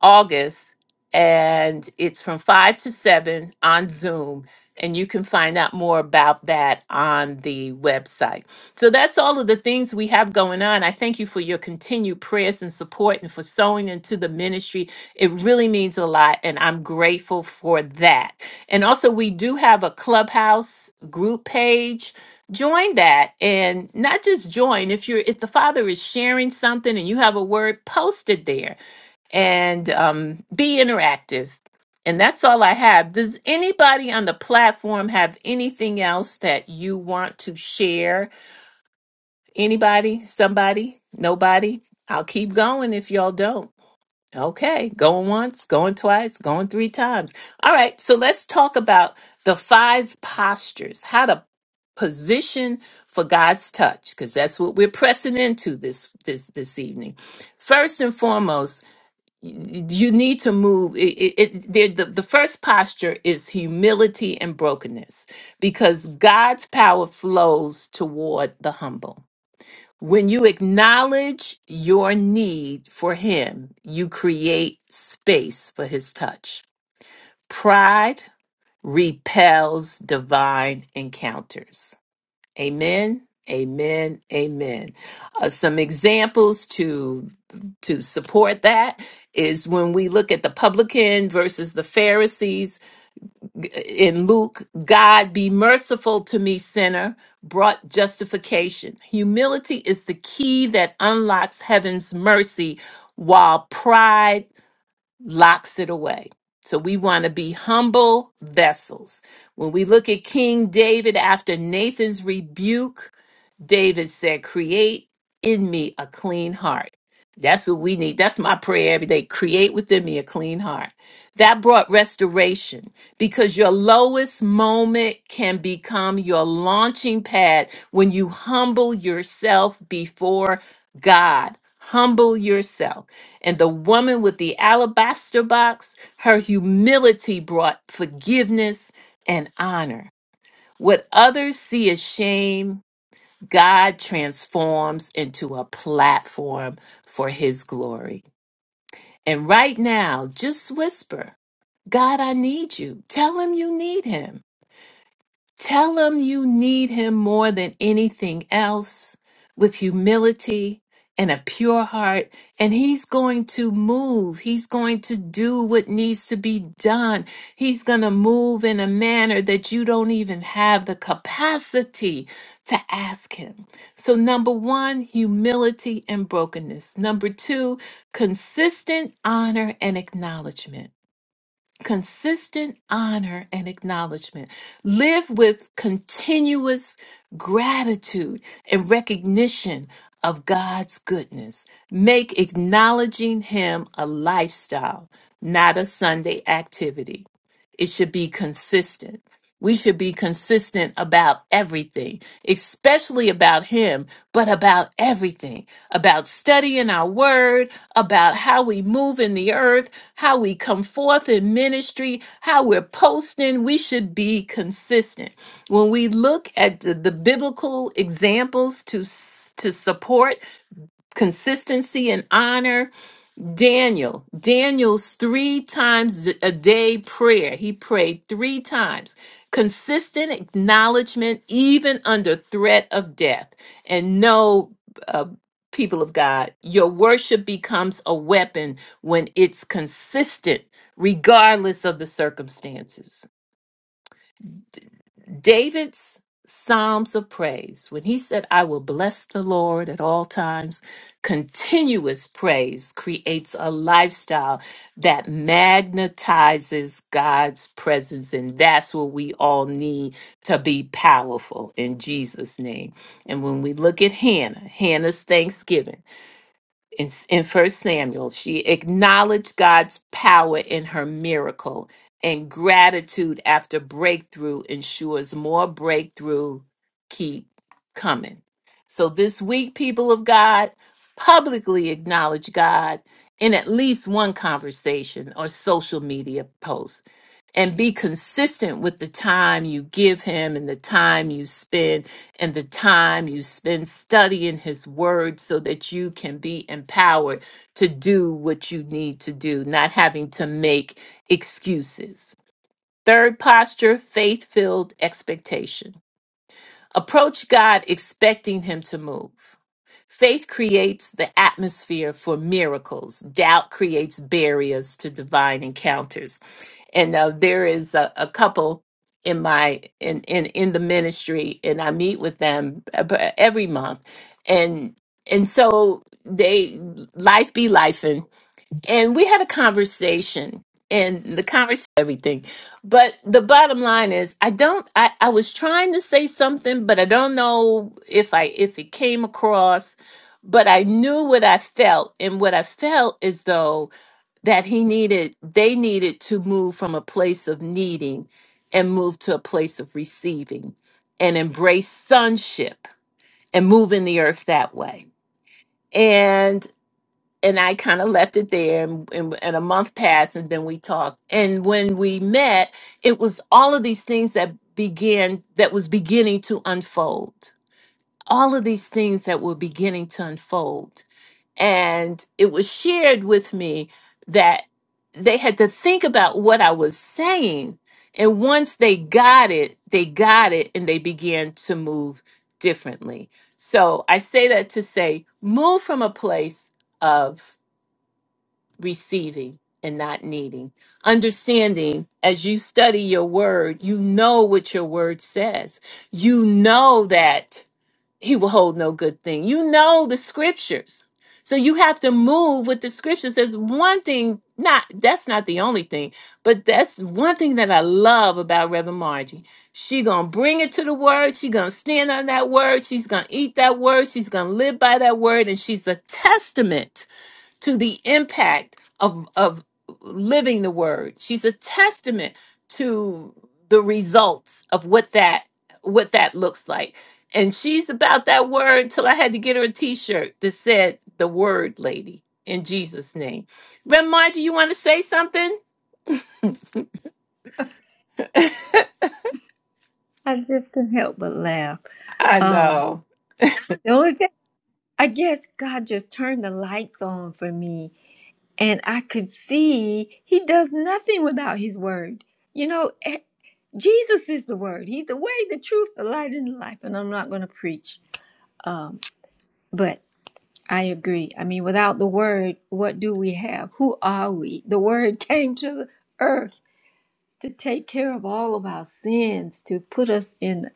Speaker 1: August, and it's from 5 to 7 on Zoom. And you can find out more about that on the website. So that's all of the things we have going on. I thank you for your continued prayers and support and for sowing into the ministry. It really means a lot, and I'm grateful for that. And also, we do have a clubhouse group page. Join that and not just join. If you're if the father is sharing something and you have a word, post it there and um, be interactive. And that's all I have. Does anybody on the platform have anything else that you want to share? Anybody? Somebody? Nobody? I'll keep going if y'all don't. Okay, going once, going twice, going three times. All right, so let's talk about the five postures, how to position for God's touch, because that's what we're pressing into this this this evening. First and foremost, y- you need to move it, it, it there- the, the first posture is humility and brokenness because god's power flows toward the humble when you acknowledge your need for him you create space for his touch pride repels divine encounters Amen. Amen. Amen. Uh, some examples to to support that is when we look at the publican versus the Pharisees in Luke, God be merciful to me sinner brought justification. Humility is the key that unlocks heaven's mercy while pride locks it away. So we want to be humble vessels. When we look at King David after Nathan's rebuke, David said, Create in me a clean heart. That's what we need. That's my prayer every day. Create within me a clean heart. That brought restoration because your lowest moment can become your launching pad when you humble yourself before God. Humble yourself. And the woman with the alabaster box, her humility brought forgiveness and honor. What others see as shame God transforms into a platform for his glory. And right now, just whisper, God, I need you. Tell him you need him. Tell him you need him more than anything else with humility and a pure heart. And he's going to move. He's going to do what needs to be done. He's going to move in a manner that you don't even have the capacity to ask him. So, number one, humility and brokenness. Number two, consistent honor and acknowledgement consistent honor and acknowledgement. Live with continuous gratitude and recognition of God's goodness. Make acknowledging Him a lifestyle, not a Sunday activity. It should be consistent. We should be consistent about everything, especially about Him, but about everything about studying our word, about how we move in the earth, how we come forth in ministry, how we're posting. We should be consistent. When we look at the, the biblical examples to, s- to support consistency and honor, Daniel, Daniel's three times a day prayer, he prayed three times. Consistent acknowledgement, even under threat of death. And no, uh, people of God, your worship becomes a weapon when it's consistent, regardless of the circumstances. David's Psalms of praise, when he said, I will bless the Lord at all times, continuous praise creates a lifestyle that magnetizes God's presence. And that's what we all need to be powerful in Jesus' name. And when we look at Hannah, Hannah's thanksgiving in, in first samuel she acknowledged god's power in her miracle and gratitude after breakthrough ensures more breakthrough keep coming so this week people of god publicly acknowledge god in at least one conversation or social media post and be consistent with the time you give him and the time you spend and the time you spend studying his word so that you can be empowered to do what you need to do, not having to make excuses. Third posture, faith filled expectation. Approach God expecting him to move. Faith creates the atmosphere for miracles. Doubt creates barriers to divine encounters and uh, there is a, a couple in my in, in in the ministry and i meet with them ab- every month and and so they life be life and and we had a conversation and the conversation everything but the bottom line is i don't i i was trying to say something but i don't know if i if it came across but i knew what i felt and what i felt is though that he needed they needed to move from a place of needing and move to a place of receiving and embrace sonship and move in the earth that way and and i kind of left it there and, and, and a month passed and then we talked and when we met it was all of these things that began that was beginning to unfold all of these things that were beginning to unfold and it was shared with me that they had to think about what I was saying. And once they got it, they got it and they began to move differently. So I say that to say move from a place of receiving and not needing. Understanding as you study your word, you know what your word says. You know that he will hold no good thing. You know the scriptures. So you have to move with the scriptures. There's one thing, not that's not the only thing, but that's one thing that I love about Reverend Margie. She gonna bring it to the word, she gonna stand on that word, she's gonna eat that word, she's gonna live by that word, and she's a testament to the impact of of living the word. She's a testament to the results of what that what that looks like. And she's about that word until I had to get her a t-shirt that said the word lady in Jesus name. Grandma, do you want to say something?
Speaker 5: I just couldn't help but laugh.
Speaker 1: I
Speaker 5: Um,
Speaker 1: know.
Speaker 5: the only thing, I guess God just turned the lights on for me, and I could see He does nothing without His Word. You know, eh, Jesus is the Word, He's the way, the truth, the light, and the life, and I'm not going to preach. Um, but I agree. I mean, without the word, what do we have? Who are we? The word came to the earth to take care of all of our sins, to put us in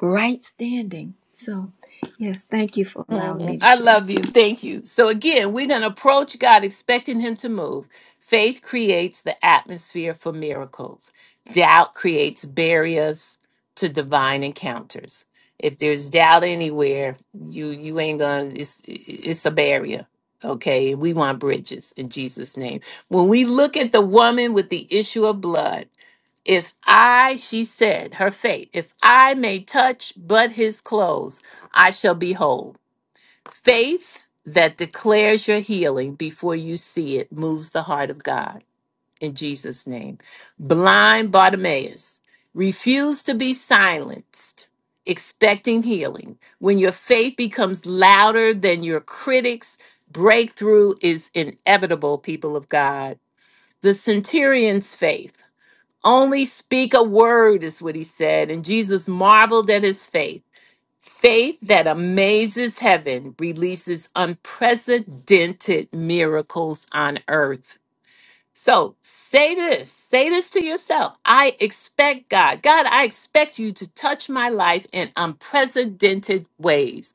Speaker 5: right standing. So, yes, thank you for allowing
Speaker 1: Mm,
Speaker 5: me to
Speaker 1: I
Speaker 5: share.
Speaker 1: love you. Thank you. So, again, we're going to approach God expecting Him to move. Faith creates the atmosphere for miracles, doubt creates barriers to divine encounters. If there's doubt anywhere, you you ain't gonna. It's it's a barrier, okay? We want bridges in Jesus' name. When we look at the woman with the issue of blood, if I, she said, her faith, if I may touch but his clothes, I shall be whole. Faith that declares your healing before you see it moves the heart of God in Jesus' name. Blind Bartimaeus refused to be silenced, expecting healing. When your faith becomes louder than your critics, breakthrough is inevitable, people of God. The centurion's faith. Only speak a word, is what he said. And Jesus marveled at his faith. Faith that amazes heaven releases unprecedented miracles on earth. So say this, say this to yourself. I expect God. God, I expect you to touch my life in unprecedented ways.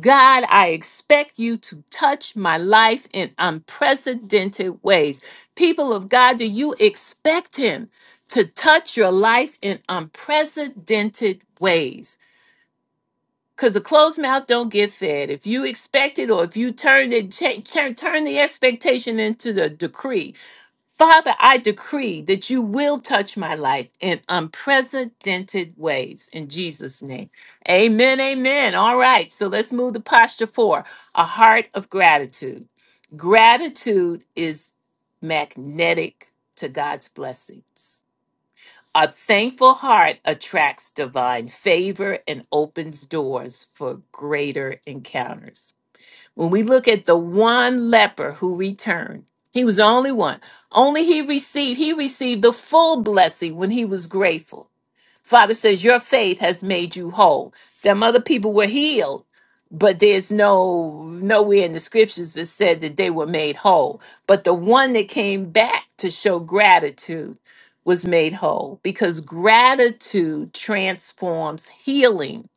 Speaker 1: God, I expect you to touch my life in unprecedented ways. People of God, do you expect Him to touch your life in unprecedented ways? Because a closed mouth don't get fed. If you expect it or if you turn it, cha- turn, turn the expectation into the decree. Father, I decree that you will touch my life in unprecedented ways in Jesus' name. Amen, amen. All right, so let's move to posture four a heart of gratitude. Gratitude is magnetic to God's blessings. A thankful heart attracts divine favor and opens doors for greater encounters. When we look at the one leper who returned, he was the only one. Only he received, he received the full blessing when he was grateful. Father says, Your faith has made you whole. Them other people were healed, but there's no nowhere in the scriptures that said that they were made whole. But the one that came back to show gratitude was made whole because gratitude transforms healing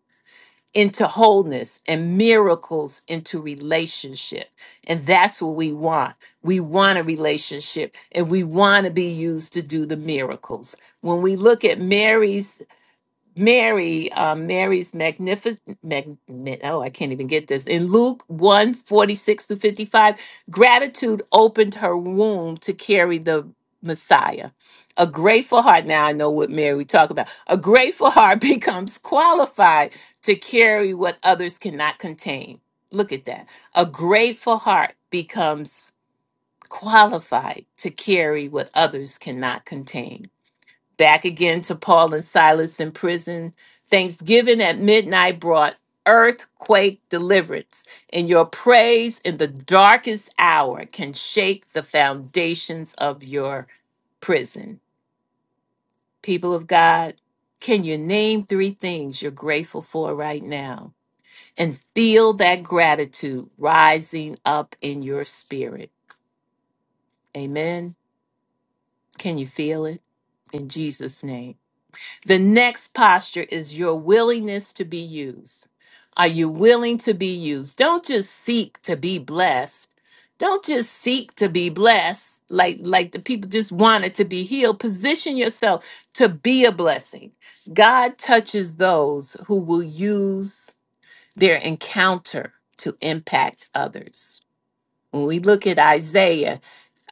Speaker 1: into wholeness and miracles into relationship. And that's what we want. We want a relationship and we want to be used to do the miracles. When we look at Mary's Mary, uh, Mary's magnificent, mag, mag- oh, I can't even get this. In Luke one forty six 46 to 55, gratitude opened her womb to carry the Messiah. A grateful heart, now I know what Mary we talk about. A grateful heart becomes qualified to carry what others cannot contain. Look at that. A grateful heart becomes qualified to carry what others cannot contain back again to Paul and Silas in prison. Thanksgiving at midnight brought earthquake deliverance, and your praise in the darkest hour can shake the foundations of your prison. People of God, can you name three things you're grateful for right now and feel that gratitude rising up in your spirit? Amen. Can you feel it? In Jesus' name. The next posture is your willingness to be used. Are you willing to be used? Don't just seek to be blessed. Don't just seek to be blessed like like the people just wanted to be healed. Position yourself to be a blessing. God touches those who will use their encounter to impact others. When we look at Isaiah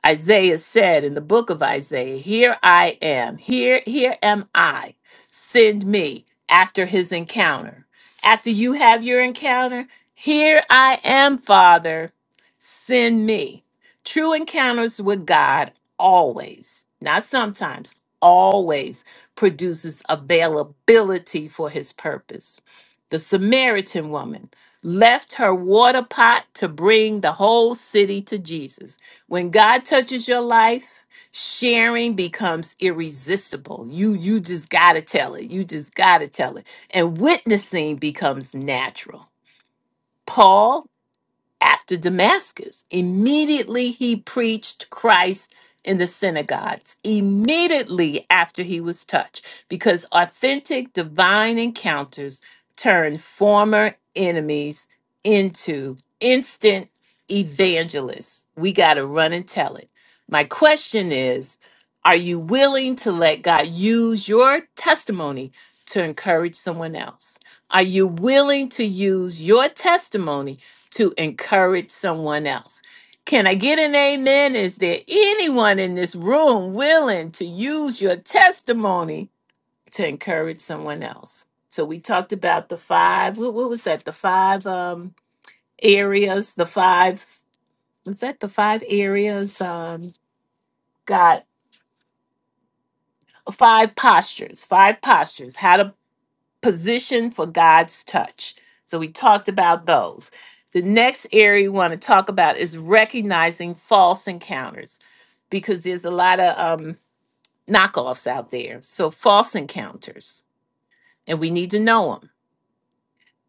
Speaker 1: Isaiah said in the book of Isaiah, Here I am, here, here am I, send me after his encounter. After you have your encounter, here I am, Father, send me. True encounters with God always, not sometimes, always produces availability for his purpose. The Samaritan woman left her water pot to bring the whole city to Jesus when God touches your life, sharing becomes irresistible. You you just got to tell it. You just got to tell it. And witnessing becomes natural. Paul after Damascus. Immediately he preached Christ in the synagogues, immediately after he was touched, because authentic divine encounters turn former enemies into instant evangelists. We got to run and tell it. My question is Are you willing to let God use your testimony to encourage someone else? Are you willing to use your testimony? to encourage someone else. Can I get an amen? Is there anyone in this room willing to use your testimony to encourage someone else? So we talked about the five, what, what was that? The five um areas, the five, was that the five areas? Um got five postures, five postures, How to. position for God's touch. So we talked about those. The next area we want to talk about is recognizing false encounters because there's a lot of um, knockoffs out there. So false encounters, and we need to know them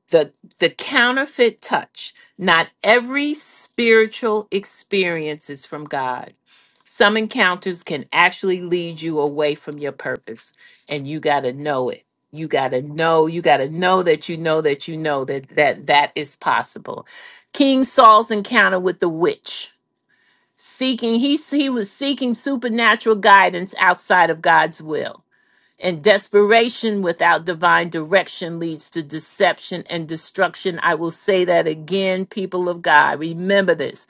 Speaker 1: the the counterfeit touch not every spiritual experience is from god some encounters can actually lead you away from your purpose and you got to know it you got to know you got to know that you know that you know that that that is possible king saul's encounter with the witch seeking he he was seeking supernatural guidance outside of god's will and desperation without divine direction leads to deception and destruction. I will say that again, people of God. Remember this.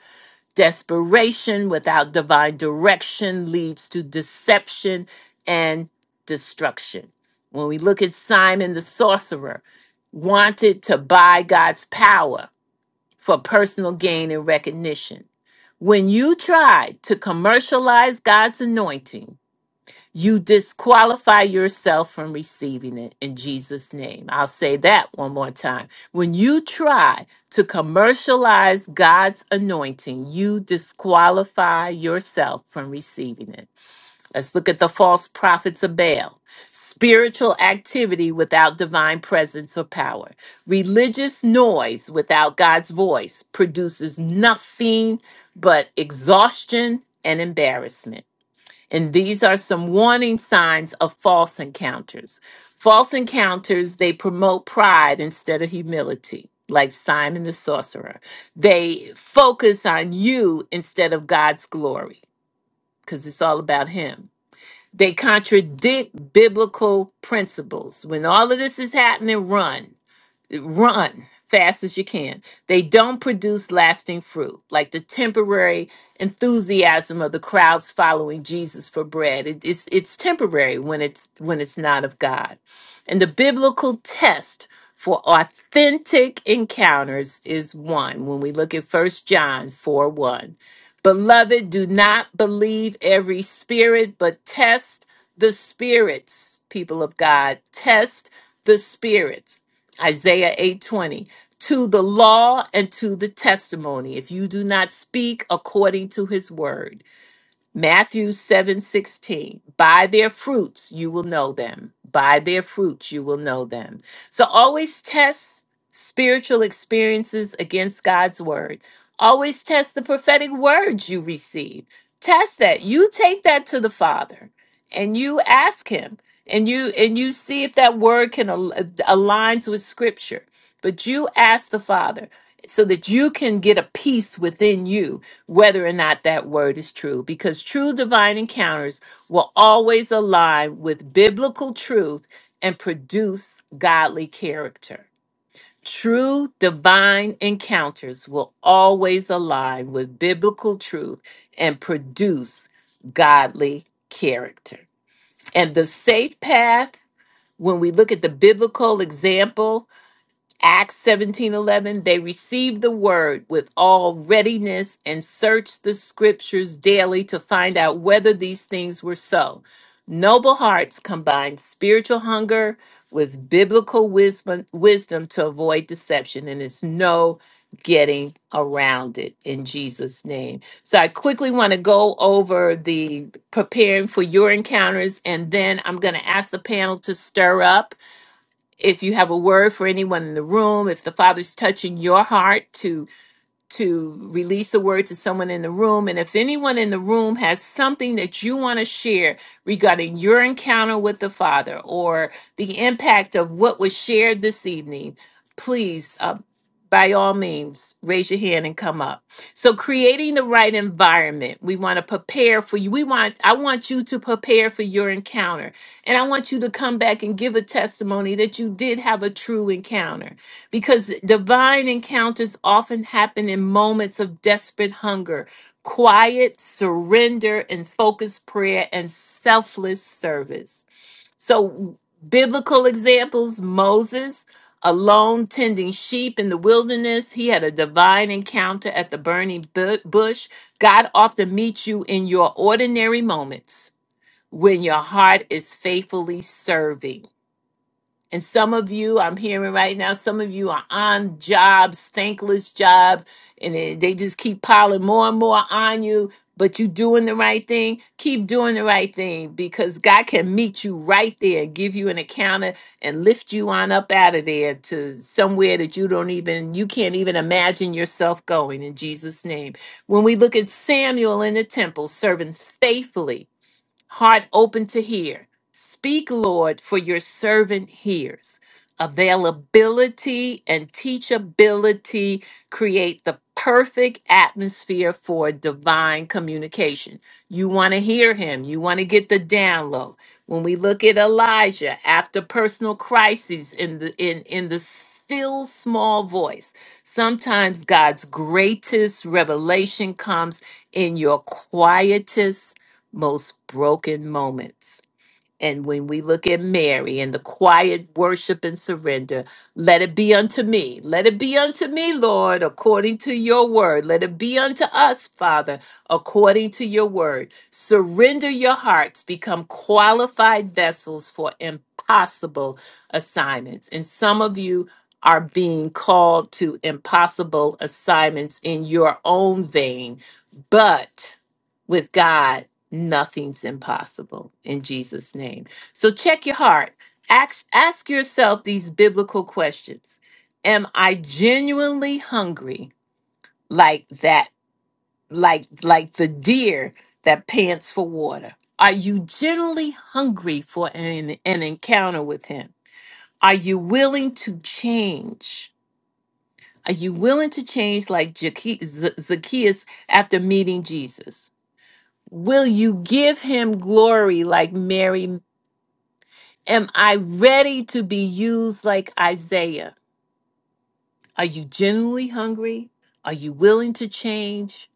Speaker 1: Desperation without divine direction leads to deception and destruction. When we look at Simon the sorcerer, wanted to buy God's power for personal gain and recognition. When you try to commercialize God's anointing, you disqualify yourself from receiving it in Jesus' name. I'll say that one more time. When you try to commercialize God's anointing, you disqualify yourself from receiving it. Let's look at the false prophets of Baal spiritual activity without divine presence or power. Religious noise without God's voice produces nothing but exhaustion and embarrassment. And these are some warning signs of false encounters. False encounters, they promote pride instead of humility, like Simon the sorcerer. They focus on you instead of God's glory, because it's all about Him. They contradict biblical principles. When all of this is happening, run run fast as you can. They don't produce lasting fruit, like the temporary enthusiasm of the crowds following Jesus for bread. It- it's it's temporary when it's when it's not of God. And the biblical test for authentic encounters is one when we look at First John 4 1. Beloved, do not believe every spirit, but test the spirits, people of God. Test the spirits Isaiah 8:20 to the law and to the testimony if you do not speak according to his word Matthew seven sixteen. By their fruits you will know them. By their fruits you will know them. So always test spiritual experiences against God's word. Always test the prophetic words you receive. Test that. You take that to the Father and you ask him and you and you see if that word can al- aligns with scripture. But you ask the Father so that you can get a peace within you whether or not that word is true, because true divine encounters will always align with biblical truth and produce godly character. True divine encounters will always align with biblical truth and produce godly character. And the safe path, when we look at the biblical example, Acts 17:11 they received the word with all readiness and searched the scriptures daily to find out whether these things were so. Noble hearts combined spiritual hunger with biblical wisdom wisdom to avoid deception and it's no getting around it in Jesus name. So I quickly want to go over the preparing for your encounters and then I'm going to ask the panel to stir up if you have a word for anyone in the room, if the Father's touching your heart to to release a word to someone in the room. And if anyone in the room has something that you want to share regarding your encounter with the Father or the impact of what was shared this evening, please, uh, by all means, raise your hand and come up. So, creating the right environment, we want to prepare for you. We want, I want you to prepare for your encounter. And I want you to come back and give a testimony that you did have a true encounter because divine encounters often happen in moments of desperate hunger, quiet surrender, and focused prayer and selfless service. So, biblical examples Moses, alone tending sheep in the wilderness, he had a divine encounter at the burning bu- bush. God often meets you in your ordinary moments when your heart is faithfully serving. And some of you, I'm hearing right now, some of you are on jobs, thankless jobs, and they they just keep piling more and more on you. But you doing the right thing. Keep doing the right thing because God can meet you right there and give you an encounter and lift you on up out of there to somewhere that you don't even you can't even imagine yourself going in Jesus' name. When we look at Samuel in the temple serving faithfully heart open to hear. Speak, Lord, for your servant hears. Availability and teachability create the perfect atmosphere for divine communication. You want to hear him, you want to get the download. When we look at Elijah after personal crises in the in in the still small voice, sometimes God's greatest revelation comes in your quietest most broken moments. And when we look at Mary and the quiet worship and surrender, let it be unto me. Let it be unto me, Lord, according to your word. Let it be unto us, Father, according to your word. Surrender your hearts, become qualified vessels for impossible assignments. And some of you are being called to impossible assignments in your own vein, but with God. Nothing's impossible in Jesus' name. So check your heart. Ask, ask yourself these biblical questions. Am I genuinely hungry like that, like like the deer that pants for water? Are you genuinely hungry for an, an encounter with him? Are you willing to change? Are you willing to change like Zacchae- Z- Zacchaeus after meeting Jesus? Will you give him glory like Mary Am I ready to be used like Isaiah? Are you genuinely hungry? Are you willing to change?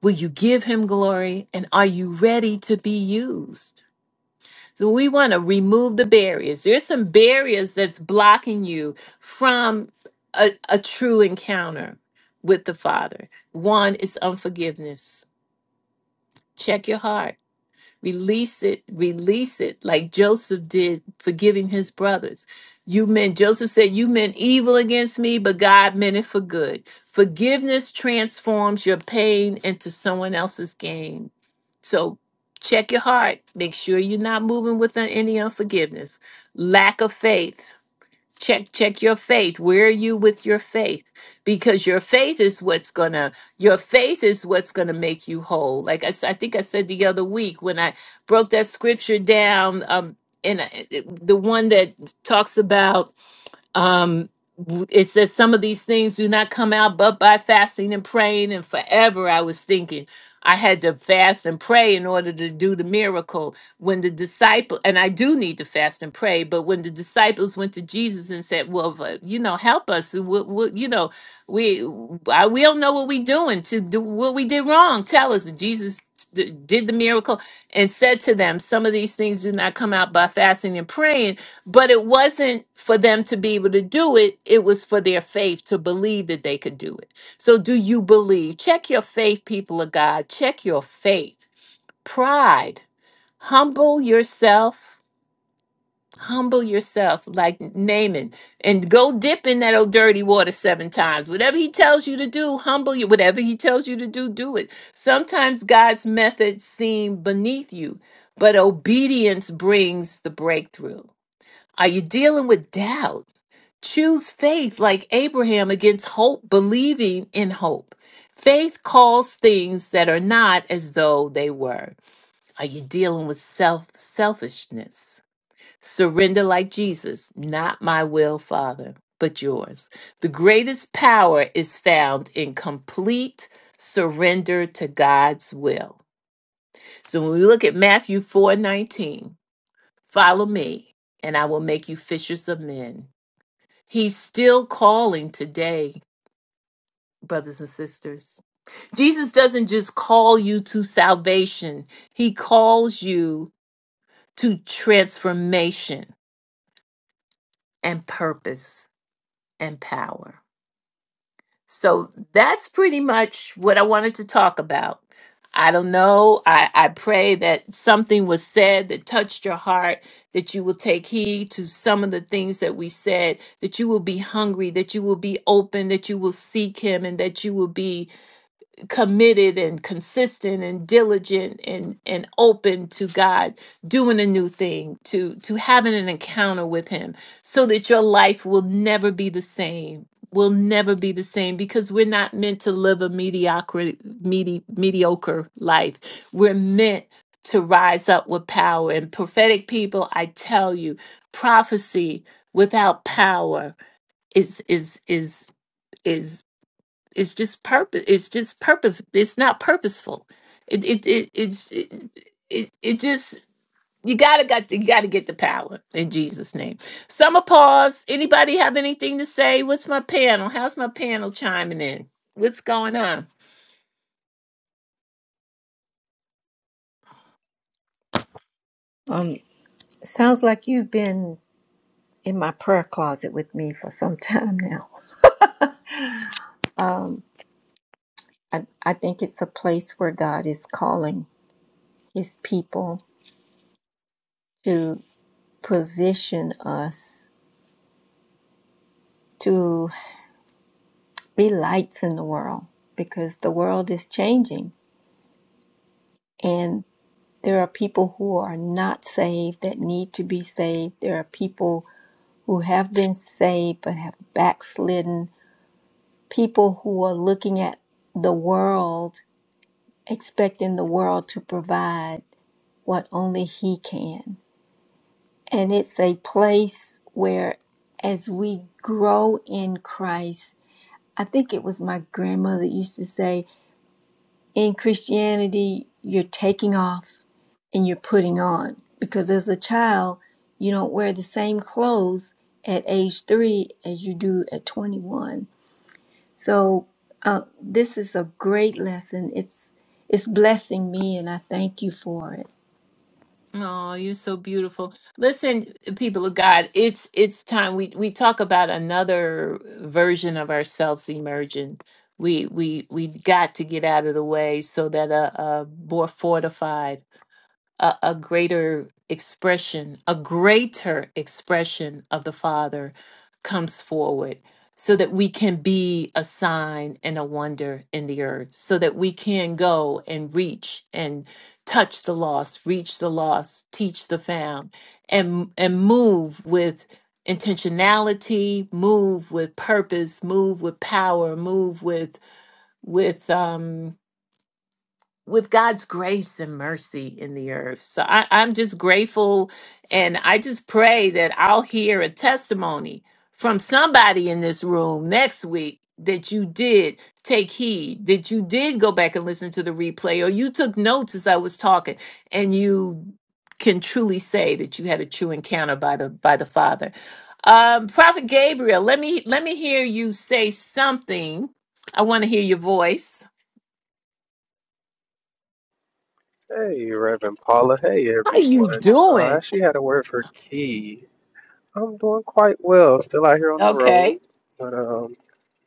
Speaker 1: Will you give him glory? And are you ready to be used? So we want to remove the barriers. There's some barriers that's blocking you from a, a true encounter with the Father. One is unforgiveness. Check your heart. Release it, release it, like Joseph did, forgiving his brothers. You meant, Joseph said, You meant evil against me, but God meant it for good. Forgiveness transforms your pain into someone else's gain. So check your heart. Make sure you're not moving with any unforgiveness. Lack of faith check check your faith where are you with your faith because your faith is what's gonna your faith is what's gonna make you whole like i, s- I think i said the other week when i broke that scripture down um and I- the one that talks about um it says some of these things do not come out but by fasting and praying and forever i was thinking i had to fast and pray in order to do the miracle when the disciple and i do need to fast and pray but when the disciples went to jesus and said well v- you know help us we, we, you know we I, we don't know what we doing to do what we did wrong tell us And jesus d- did the miracle and said to them some of these things do not come out by fasting and praying but it wasn't for them to be able to do it it was for their faith to believe that they could do it so do you believe check your faith people of god check your faith pride humble yourself humble yourself like naaman and go dip in that old dirty water seven times whatever he tells you to do humble you whatever he tells you to do do it sometimes god's methods seem beneath you but obedience brings the breakthrough are you dealing with doubt Choose faith like Abraham against hope, believing in hope. Faith calls things that are not as though they were. Are you dealing with self selfishness? Surrender like Jesus, not my will, Father, but yours. The greatest power is found in complete surrender to God's will. So when we look at Matthew 4:19, follow me and I will make you fishers of men. He's still calling today brothers and sisters. Jesus doesn't just call you to salvation, He calls you to transformation and purpose and power. So that's pretty much what I wanted to talk about. I don't know. I, I pray that something was said that touched your heart, that you will take heed to some of the things that we said, that you will be hungry, that you will be open, that you will seek Him, and that you will be committed and consistent and diligent and and open to God doing a new thing to to having an encounter with him so that your life will never be the same will never be the same because we're not meant to live a mediocre medi- mediocre life we're meant to rise up with power and prophetic people I tell you prophecy without power is is is is it's just purpose. It's just purpose. It's not purposeful. It it it it's it it, it just you gotta got you gotta get the power in Jesus' name. Summer pause. Anybody have anything to say? What's my panel? How's my panel chiming in? What's going on?
Speaker 5: Um, sounds like you've been in my prayer closet with me for some time now. Um, I, I think it's a place where God is calling his people to position us to. be lights in the world because the world is changing and there are people who are not saved that need to be saved. There are people who have been saved but have backslidden. People who are looking at the world, expecting the world to provide what only He can. And it's a place where, as we grow in Christ, I think it was my grandmother used to say, In Christianity, you're taking off and you're putting on because as a child, you don't wear the same clothes at age three as you do at 21. So uh, this is a great lesson. It's it's blessing me, and I thank you for it.
Speaker 1: Oh, you're so beautiful. Listen, people of God, it's it's time we we talk about another version of ourselves emerging. We we we've got to get out of the way so that uh, uh more fortified a, a greater expression, a greater expression of the Father comes forward so that we can be a sign and a wonder in the earth, so that we can go and reach and touch the lost, reach the lost, teach the found, and and move with intentionality, move with purpose, move with power, move with with um with God's grace and mercy in the earth. So I, I'm just grateful and I just pray that I'll hear a testimony from somebody in this room next week that you did take heed, that you did go back and listen to the replay, or you took notes as I was talking, and you can truly say that you had a true encounter by the by the Father. Um, Prophet Gabriel, let me let me hear you say something. I want to hear your voice.
Speaker 7: Hey, Reverend Paula. Hey,
Speaker 1: How you
Speaker 7: everyone. Uh, I
Speaker 1: doing?
Speaker 7: actually had a word for Key. I'm doing quite well. Still out here on the road,
Speaker 1: Okay.
Speaker 7: but um,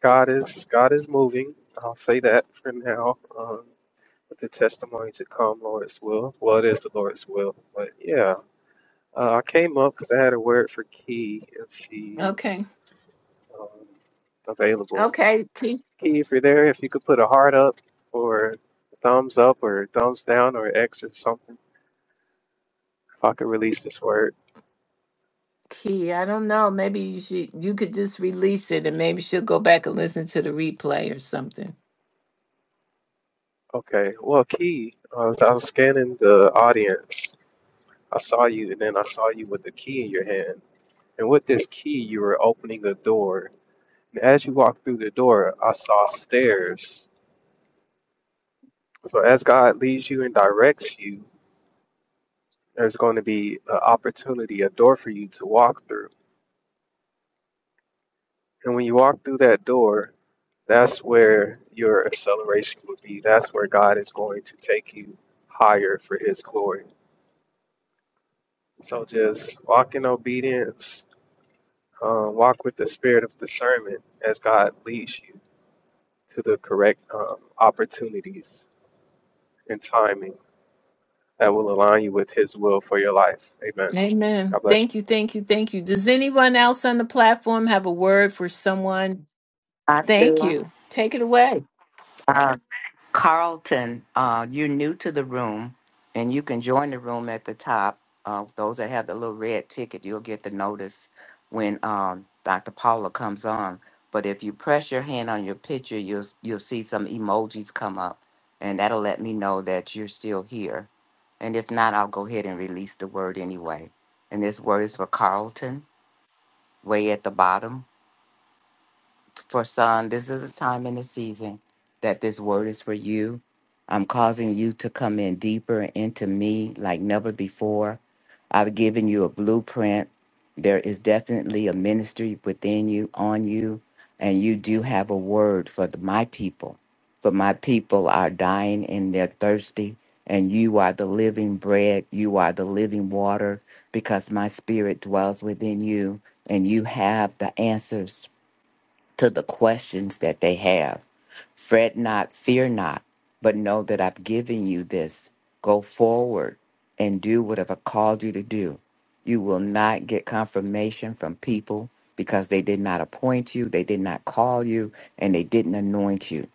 Speaker 7: God is God is moving. I'll say that for now. Um, with the testimony to come, Lord's will. Well, it is the Lord's will. But yeah, uh, I came up because I had a word for Key if she's
Speaker 1: Okay.
Speaker 7: um, available.
Speaker 1: Okay.
Speaker 7: Key, if you're there, if you could put a heart up or a thumbs up or a thumbs down or X or something If I could release this word.
Speaker 1: Kiki, I don't know. Maybe you should you could just release it and maybe she'll go back and listen to the replay or something.
Speaker 7: Okay. Well, Key, I was, I was scanning the audience. I saw you, and then I saw you with the key in your hand. And with this key, you were opening the door. And as you walked through the door, I saw stairs. So as God leads you and directs you, there's going to be an opportunity, a door for you to walk through. And when you walk through that door, that's where your acceleration will be. That's where God is going to take you higher for His glory. So just walk in obedience, uh, walk with the spirit of discernment as God leads you to the correct um, opportunities and timing that will align you with His will for your life. Amen.
Speaker 1: Amen.
Speaker 7: God bless you.
Speaker 1: Thank you. Thank you. Thank you. Does anyone else on the platform have a word for someone?
Speaker 3: I
Speaker 1: Thank
Speaker 3: do.
Speaker 1: you. Take it away.
Speaker 3: Carlton, uh, you're new to the room, and you can join the room at the top. Uh, those that have the little red ticket, you'll get the notice when um, Dr. Paula comes on. But if you press your hand on your picture, you'll you'll see some emojis come up, and that'll let me know that you're still here. And if not, I'll go ahead and release the word anyway. And this word is for Carlton, way at the bottom for son, this is a time in the season that this word is for you. I'm causing you to come in deeper into me like never before. I've given you a blueprint. There is definitely a ministry within you, on you, and you do have a word for the, my people. For my people are dying and they're thirsty, and you are the living bread. You are the living water because my spirit dwells within you, and you have the answers to the questions that they have. Fret not, fear not, but know that I've given you this. Go forward and do what I've called you to do. You will not get confirmation from people because they did not appoint you, they did not call you, and they didn't anoint you.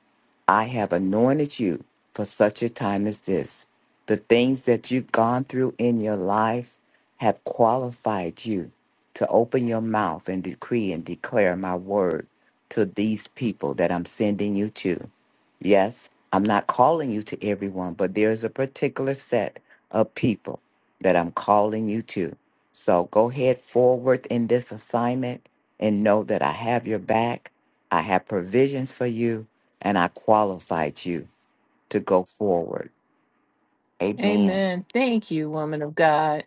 Speaker 3: I have anointed you for such a time as this. The things that you've gone through in your life have qualified you to open your mouth and decree and declare my word to these people that I'm sending you to. Yes, I'm not calling you to everyone, but there's a particular set of people that I'm calling you to. So go ahead forward in this assignment and know that I have your back. I have provisions for you and I qualified you to go forward. Amen.
Speaker 1: Amen. Thank you, woman of God.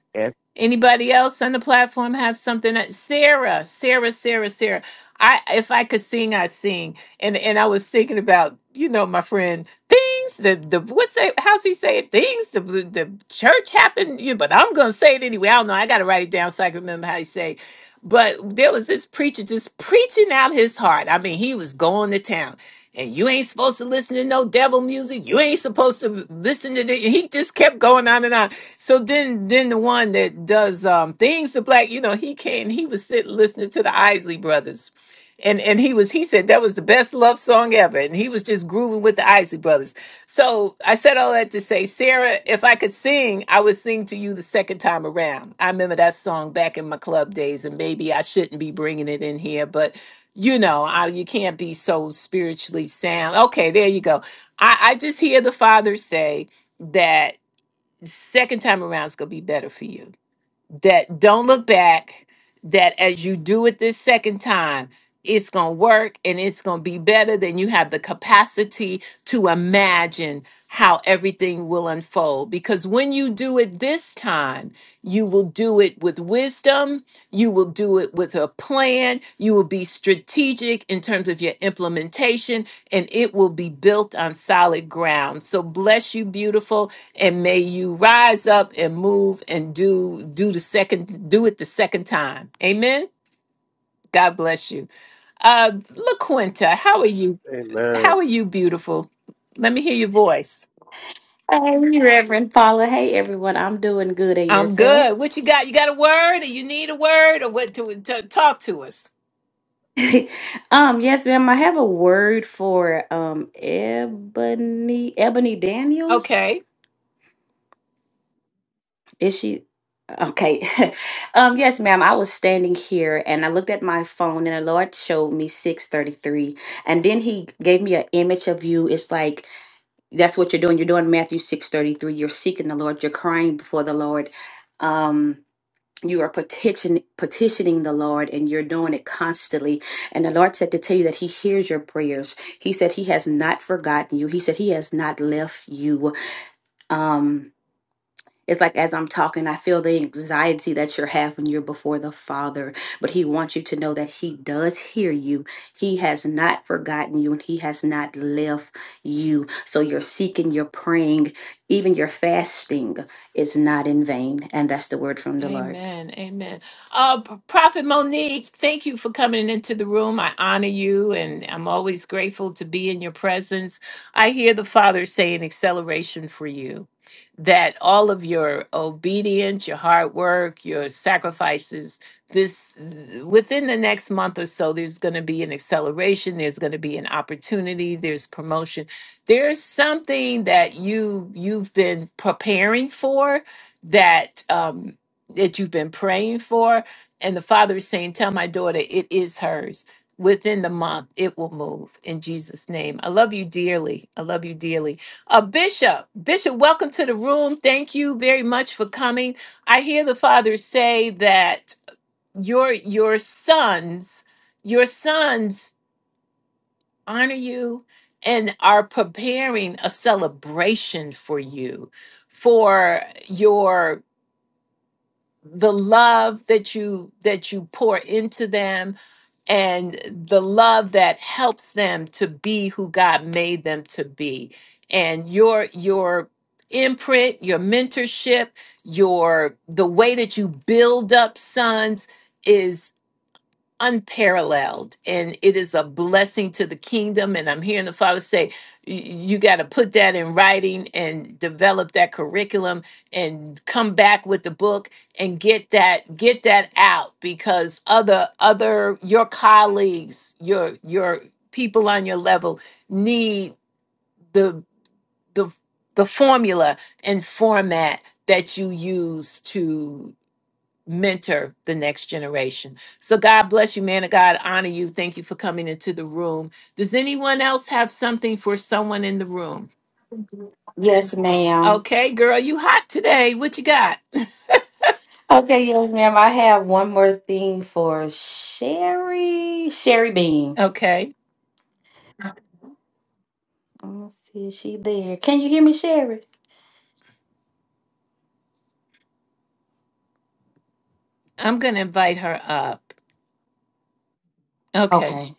Speaker 1: Anybody else on the platform have something? That, Sarah, Sarah, Sarah, Sarah. I if I could sing, I sing. And and I was thinking about you know my friend things the the what's that, how's he say it? Things the the church happened. You but I'm gonna say it anyway. I don't know. I got to write it down so I can remember how he say. it. But there was this preacher just preaching out his heart. I mean, he was going to town and you ain't supposed to listen to no devil music. You ain't supposed to listen to the he just kept going on and on. So then then the one that does um things to black, you know, he came, he was sitting listening to the Isley brothers. And and he was he said that was the best love song ever. And he was just grooving with the Isley brothers. So I said all that to say, Sarah, if I could sing, I would sing to you the second time around. I remember that song back in my club days, and maybe I shouldn't be bringing it in here, but you know, I, you can't be so spiritually sound. Okay, there you go. I, I just hear the father say that second time around is going to be better for you that don't look back, that as you do it this second time, it's going to work and it's going to be better than you have the capacity to imagine how everything will unfold. Because when you do it this time, you will do it with wisdom, you will do it with a plan, you will be strategic in terms of your implementation, and it will be built on solid ground. So, bless you, beautiful and may you rise up and move and do do the second do it the second time amen god bless you uh laquinta how are you
Speaker 7: Amen.
Speaker 1: how are you beautiful let me hear your voice
Speaker 8: Hey, Reverend Paula. Hey, everyone. I'm doing good and
Speaker 1: i'm good
Speaker 8: yourself.
Speaker 1: what you got you got a word or you need a word or what to, to talk to us
Speaker 8: um, yes, ma'am. I have a word for um Ebony Ebony Daniels.
Speaker 1: Okay.
Speaker 8: Is she okay? um, yes, ma'am. I was standing here and I looked at my phone and the Lord showed me 633. And then he gave me an image of you. It's like that's what you're doing. You're doing Matthew 633. You're seeking the Lord, you're crying before the Lord. Um you are petition, petitioning the Lord and you're doing it constantly. And the Lord said to tell you that He hears your prayers. He said He has not forgotten you. He said He has not left you. Um, it's like as I'm talking, I feel the anxiety that you're having. You're before the Father, but He wants you to know that He does hear you. He has not forgotten you and He has not left you. So you're seeking, you're praying, even your fasting is not in vain. And that's the word from the Lord.
Speaker 1: Amen. Amen. Uh, P- Prophet Monique, thank you for coming into the room. I honor you, and I'm always grateful to be in your presence. I hear the Father saying acceleration for you, that all of your obedience, your hard work, your sacrifices, this within the next month or so, there's going to be an acceleration. There's going to be an opportunity. There's promotion. There's something that you you've been preparing for that. Um, that you've been praying for. And the Father is saying, Tell my daughter, it is hers. Within the month, it will move in Jesus' name. I love you dearly. I love you dearly. Uh, Bishop, Bishop, welcome to the room. Thank you very much for coming. I hear the Father say that your your sons, your sons honor you and are preparing a celebration for you, for your the love that you that you pour into them and the love that helps them to be who God made them to be and your your imprint your mentorship your the way that you build up sons is unparalleled and it is a blessing to the kingdom and i'm hearing the father say "Y- you got to put that in writing and develop that curriculum and come back with the book and get that get that out because other other your colleagues your your people on your level need the the the formula and format that you use to." mentor the next generation. So God bless you, man of God. Honor you. Thank you for coming into the room. Does anyone else have something for someone in the room?
Speaker 8: Yes, ma'am.
Speaker 1: Okay, girl, you hot today. What you got?
Speaker 8: Okay, yes, ma'am. I have one more thing for Sherry. Sherry Bean.
Speaker 1: Okay.
Speaker 8: Let me see, is she there? Can you hear me, Sherry?
Speaker 1: I'm going to invite her up. Okay.
Speaker 8: Okay.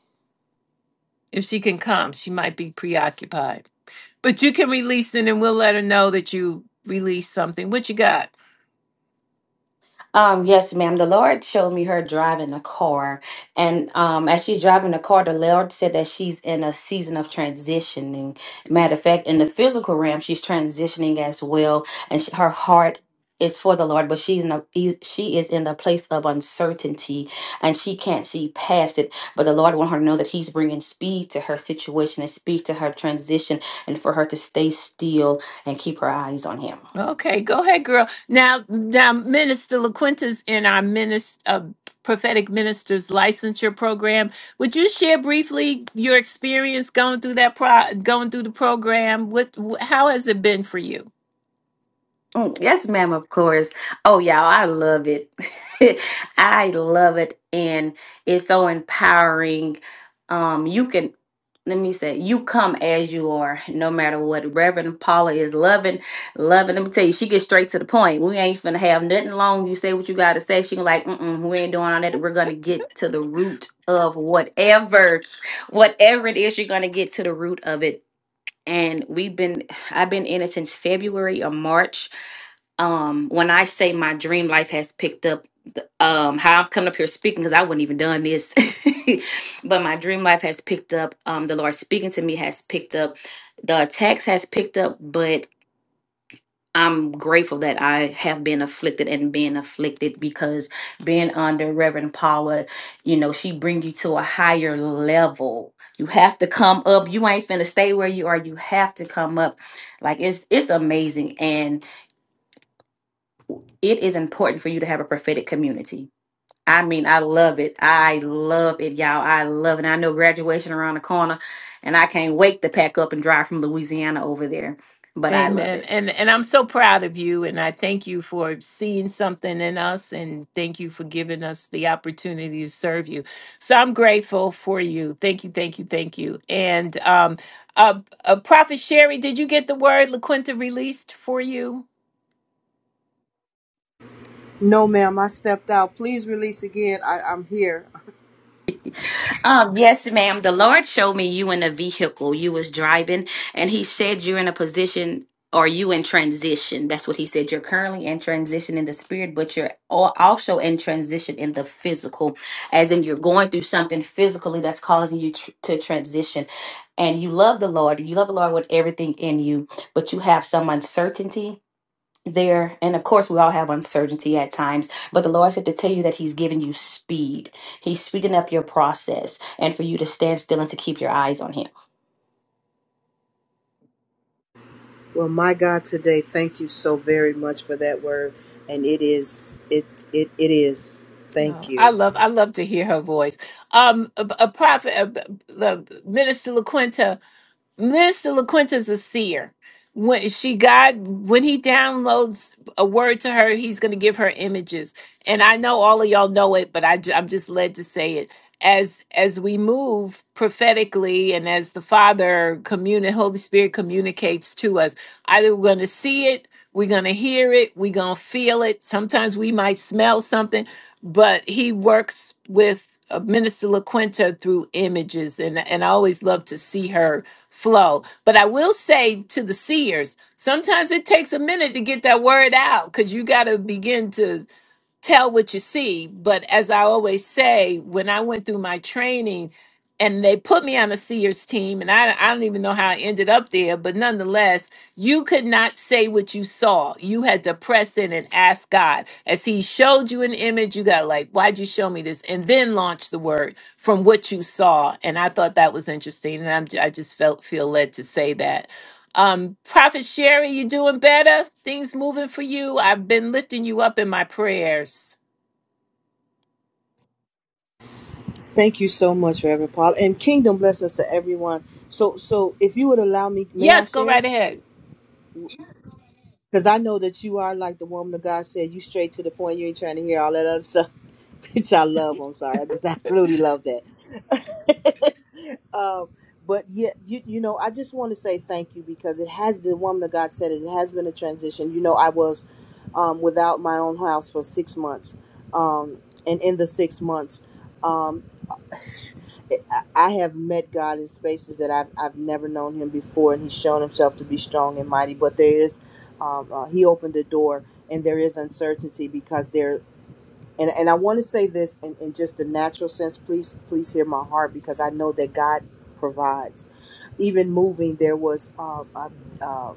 Speaker 1: If she can come, she might be preoccupied. But you can release it and we'll let her know that you released something. What you got?
Speaker 8: Um, yes, ma'am. The Lord showed me her driving a car. And um, as she's driving the car, the Lord said that she's in a season of transitioning. Matter of fact, in the physical realm, she's transitioning as well. And she, her heart is for the Lord, but she's in a, is- she is in a place of uncertainty and she can't see past it. But the Lord want her to know that He's bringing speed to her situation and speed to her transition and for her to stay still and keep her eyes on Him.
Speaker 1: Okay, go ahead, girl. Now, now, Minister LaQuinta's in our minister, uh, prophetic ministers licensure program. Would you share briefly your experience going through that pro- going through the program? What, wh- how has it been for you?
Speaker 8: Mm, Yes, ma'am, of course. Oh, y'all, I love it. I love it. And it's so empowering. Um, you can, let me say, you come as you are, no matter what. Reverend Paula is loving, loving. Let me tell you, she gets straight to the point. We ain't finna have nothing long. You say what you gotta say. She like, mm-mm, we ain't doing all that. We're gonna get to the root of whatever, whatever it is, you're gonna get to the root of it. And we've been, I've been in it since February or March um when i say my dream life has picked up th- um how i'm coming up here speaking because i wouldn't even done this but my dream life has picked up um the lord speaking to me has picked up the text has picked up but i'm grateful that i have been afflicted and been afflicted because being under reverend paula you know she bring you to a higher level you have to come up you ain't finna stay where you are you have to come up like it's it's amazing and it is important for you to have a prophetic community. I mean, I love it. I love it, y'all. I love it. I know graduation around the corner, and I can't wait to pack up and drive from Louisiana over there. But I love
Speaker 1: Amen.
Speaker 8: it.
Speaker 1: And and I'm so proud of you and I thank you for seeing something in us and thank you for giving us the opportunity to serve you. So I'm grateful for you. Thank you, thank you, thank you. And um uh, uh Prophet Sherry, did you get the word LaQuinta released for you?
Speaker 9: No, ma'am, I stepped out. Please release again. I, I'm here.
Speaker 8: Um, yes, ma'am. The Lord showed me you in a vehicle. You was driving, and He said you're in a position or you in transition. That's what He said. You're currently in transition in the spirit, but you're al- also in transition in the physical, as in you're going through something physically that's causing you tr- to transition. And you love the Lord. You love the Lord with everything in you, but you have some uncertainty there and of course we all have uncertainty at times but the lord said to tell you that he's giving you speed he's speeding up your process and for you to stand still and to keep your eyes on him
Speaker 9: Well, my God, today, thank you so very much for that word. And it is, it, it, it is.
Speaker 1: Oh,
Speaker 9: Thank
Speaker 1: I
Speaker 9: you.
Speaker 1: love I love to hear her voice. Um a, a prophet uh, uh, Minister LaQuinta Minister LaQuinta's a seer. When she got when he downloads a word to her, he's going to give her images. And I know all of y'all know it, but I, ju- I'm just led to say it. As as we move prophetically, and as the Father communi- Holy Spirit communicates to us, either we're going to see it, we're going to hear it, we're going to feel it. Sometimes we might smell something but he works with uh, Minister LaQuinta through images, and, and I always love to see her flow. But I will say to the seers, sometimes it takes a minute to get that word out because you got to begin to tell what you see. But as I always say, when I went through my training and they put me on a Sears team, and I, I don't even know how I ended up there, but nonetheless, you could not say what you saw. You had to press in and ask God. As He showed you an image, you got like, why'd you show me this? And then launch the word from what you saw. And I thought that was interesting. And I'm, I just felt feel led to say that. Um, Prophet Sherry, you doing better? Things moving for you? I've been lifting you up in my prayers.
Speaker 9: Thank you so much, Reverend Paul, and kingdom blessings to everyone. So, so if you would allow me, may I
Speaker 1: Yes, go
Speaker 9: share?
Speaker 1: right ahead.
Speaker 9: Because I know that you are like the woman of God said, you straight to the point. You ain't trying to hear all that other stuff. which I love. I'm sorry, I just absolutely love that. um, but yeah, you you know, I just want to say thank you because it has the woman of God said it. It has been a transition. You know, I was um, without my own house for six months, um, and in the six months, um, I I have met God in spaces that I've I've never known Him before, and He's shown Himself to be strong and mighty. But there is, um, uh, He opened the door, and there is uncertainty because there and and I want to say this in, in just the natural sense. Please, please hear my heart because I know that God provides even moving, there was um, uh, uh,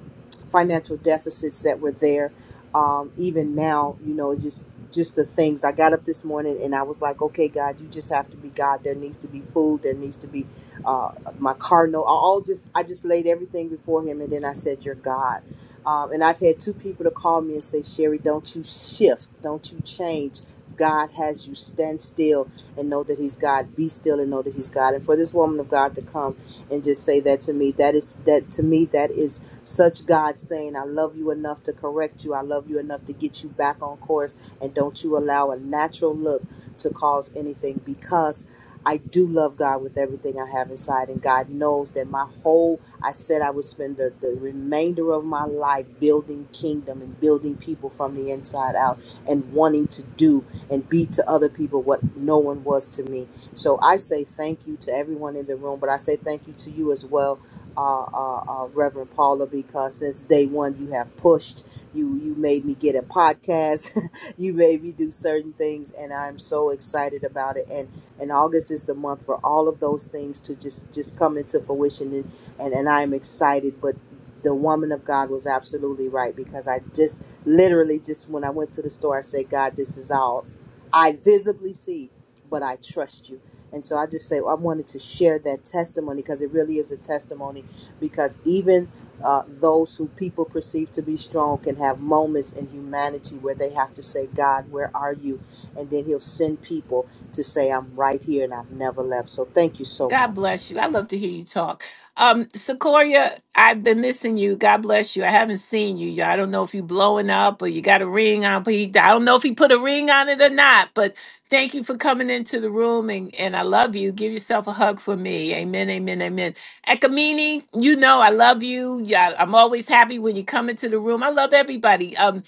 Speaker 9: financial deficits that were there. Um, even now, you know, just just the things. I got up this morning and I was like, okay, God, you just have to be God. There needs to be food. There needs to be uh, my car. No, I- all just I just laid everything before Him, and then I said, "You're God." Um, and I've had two people to call me and say, "Sherry, don't you shift? Don't you change?" God has you stand still and know that He's God. Be still and know that He's God. And for this woman of God to come and just say that to me. That is that to me that is such God saying, I love you enough to correct you. I love you enough to get you back on course and don't you allow a natural look to cause anything because I do love God with everything I have inside, and God knows that my whole I said I would spend the, the remainder of my life building kingdom and building people from the inside out and wanting to do and be to other people what no one was to me. So I say thank you to everyone in the room, but I say thank you to you as well, uh, uh, uh, Reverend Paula, because since day one you have pushed. You you made me get a podcast. you made me do certain things, and I'm so excited about it. And and August is the month for all of those things to just just come into fruition, and and, and I'm excited, but. The woman of God was absolutely right because I just literally just when I went to the store, I said, God, this is all I visibly see, but I trust you. And so I just say I wanted to share that testimony because it really is a testimony because even uh, those who people perceive to be strong can have moments in humanity where they have to say, God, where are you? And then he'll send people to say, I'm right here and I've never left. So thank you so
Speaker 1: God
Speaker 9: much.
Speaker 1: bless you. I love to hear you talk. Um, Sequoia, I've been missing you. God bless you. I haven't seen you. I don't know if you blowing up or you got a ring on. But he, I don't know if he put a ring on it or not. But thank you for coming into the room and, and I love you. Give yourself a hug for me. Amen. Amen. Amen. Ekamini, you know I love you. Yeah, I'm always happy when you come into the room. I love everybody. Um,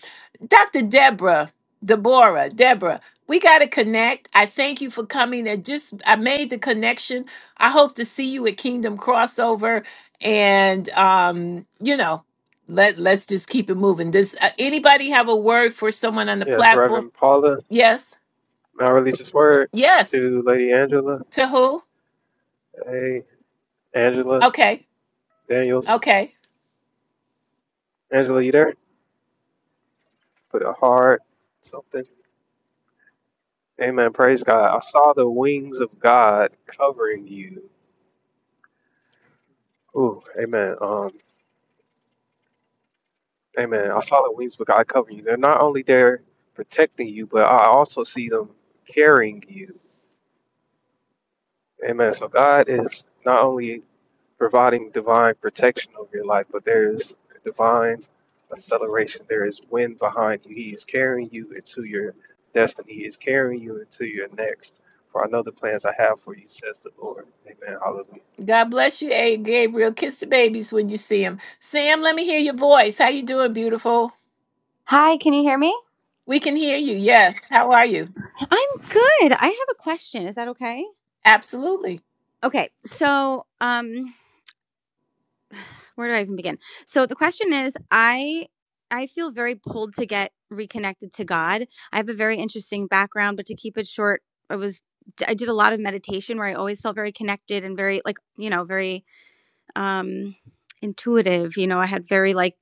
Speaker 1: Dr. Deborah, Deborah, Deborah, we got to connect. I thank you for coming. And just, I made the connection. I hope to see you at Kingdom Crossover. And, um, you know, let, let's just keep it moving. Does uh, anybody have a word for someone on the
Speaker 7: Yes,
Speaker 1: platform?
Speaker 7: Reverend Paula,
Speaker 1: Yes.
Speaker 7: may I release this word
Speaker 1: Yes.
Speaker 7: to Lady Angela.
Speaker 1: To who?
Speaker 7: Hey, Angela
Speaker 1: Okay.
Speaker 7: Daniels.
Speaker 1: Okay.
Speaker 7: Angela, you there? Put a heart, something. Amen. Praise God. I saw the wings of God covering you. Ooh, amen. Um. Amen. I saw the wings of God cover you. They're not only there protecting you, but I also see them carrying you. Amen. So God is not only providing divine protection over your life, but there is divine acceleration. There is wind behind you. He is carrying you into your destiny. He is carrying you into your next. For I know the plans I have for you, says the Lord. Amen. Hallelujah.
Speaker 1: God bless you, A. Gabriel. Kiss the babies when you see them. Sam, let me hear your voice. How you doing, beautiful?
Speaker 10: Hi, can you hear me?
Speaker 1: We can hear you. Yes. How are you?
Speaker 10: I'm good. I have a question. Is that okay?
Speaker 1: Absolutely.
Speaker 10: Okay. So, um, where do I even begin? So the question is, I I feel very pulled to get reconnected to God. I have a very interesting background, but to keep it short, I was I did a lot of meditation where I always felt very connected and very like, you know, very um, intuitive. You know, I had very like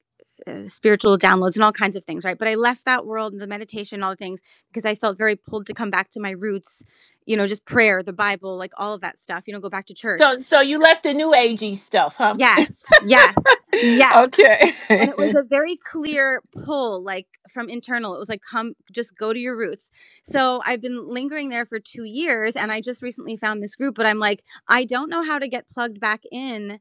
Speaker 10: uh, spiritual downloads and all kinds of things, right? But I left that world, the meditation, all the things, because I felt very pulled to come back to my roots, you know, just prayer, the Bible, like all of that stuff, you know, go back to church.
Speaker 1: So so you left the new agey stuff, huh?
Speaker 10: Yes, yes, yes.
Speaker 1: Okay.
Speaker 10: And it was a very clear pull, like from internal. It was like, come, just go to your roots. So I've been lingering there for two years and I just recently found this group, but I'm like, I don't know how to get plugged back in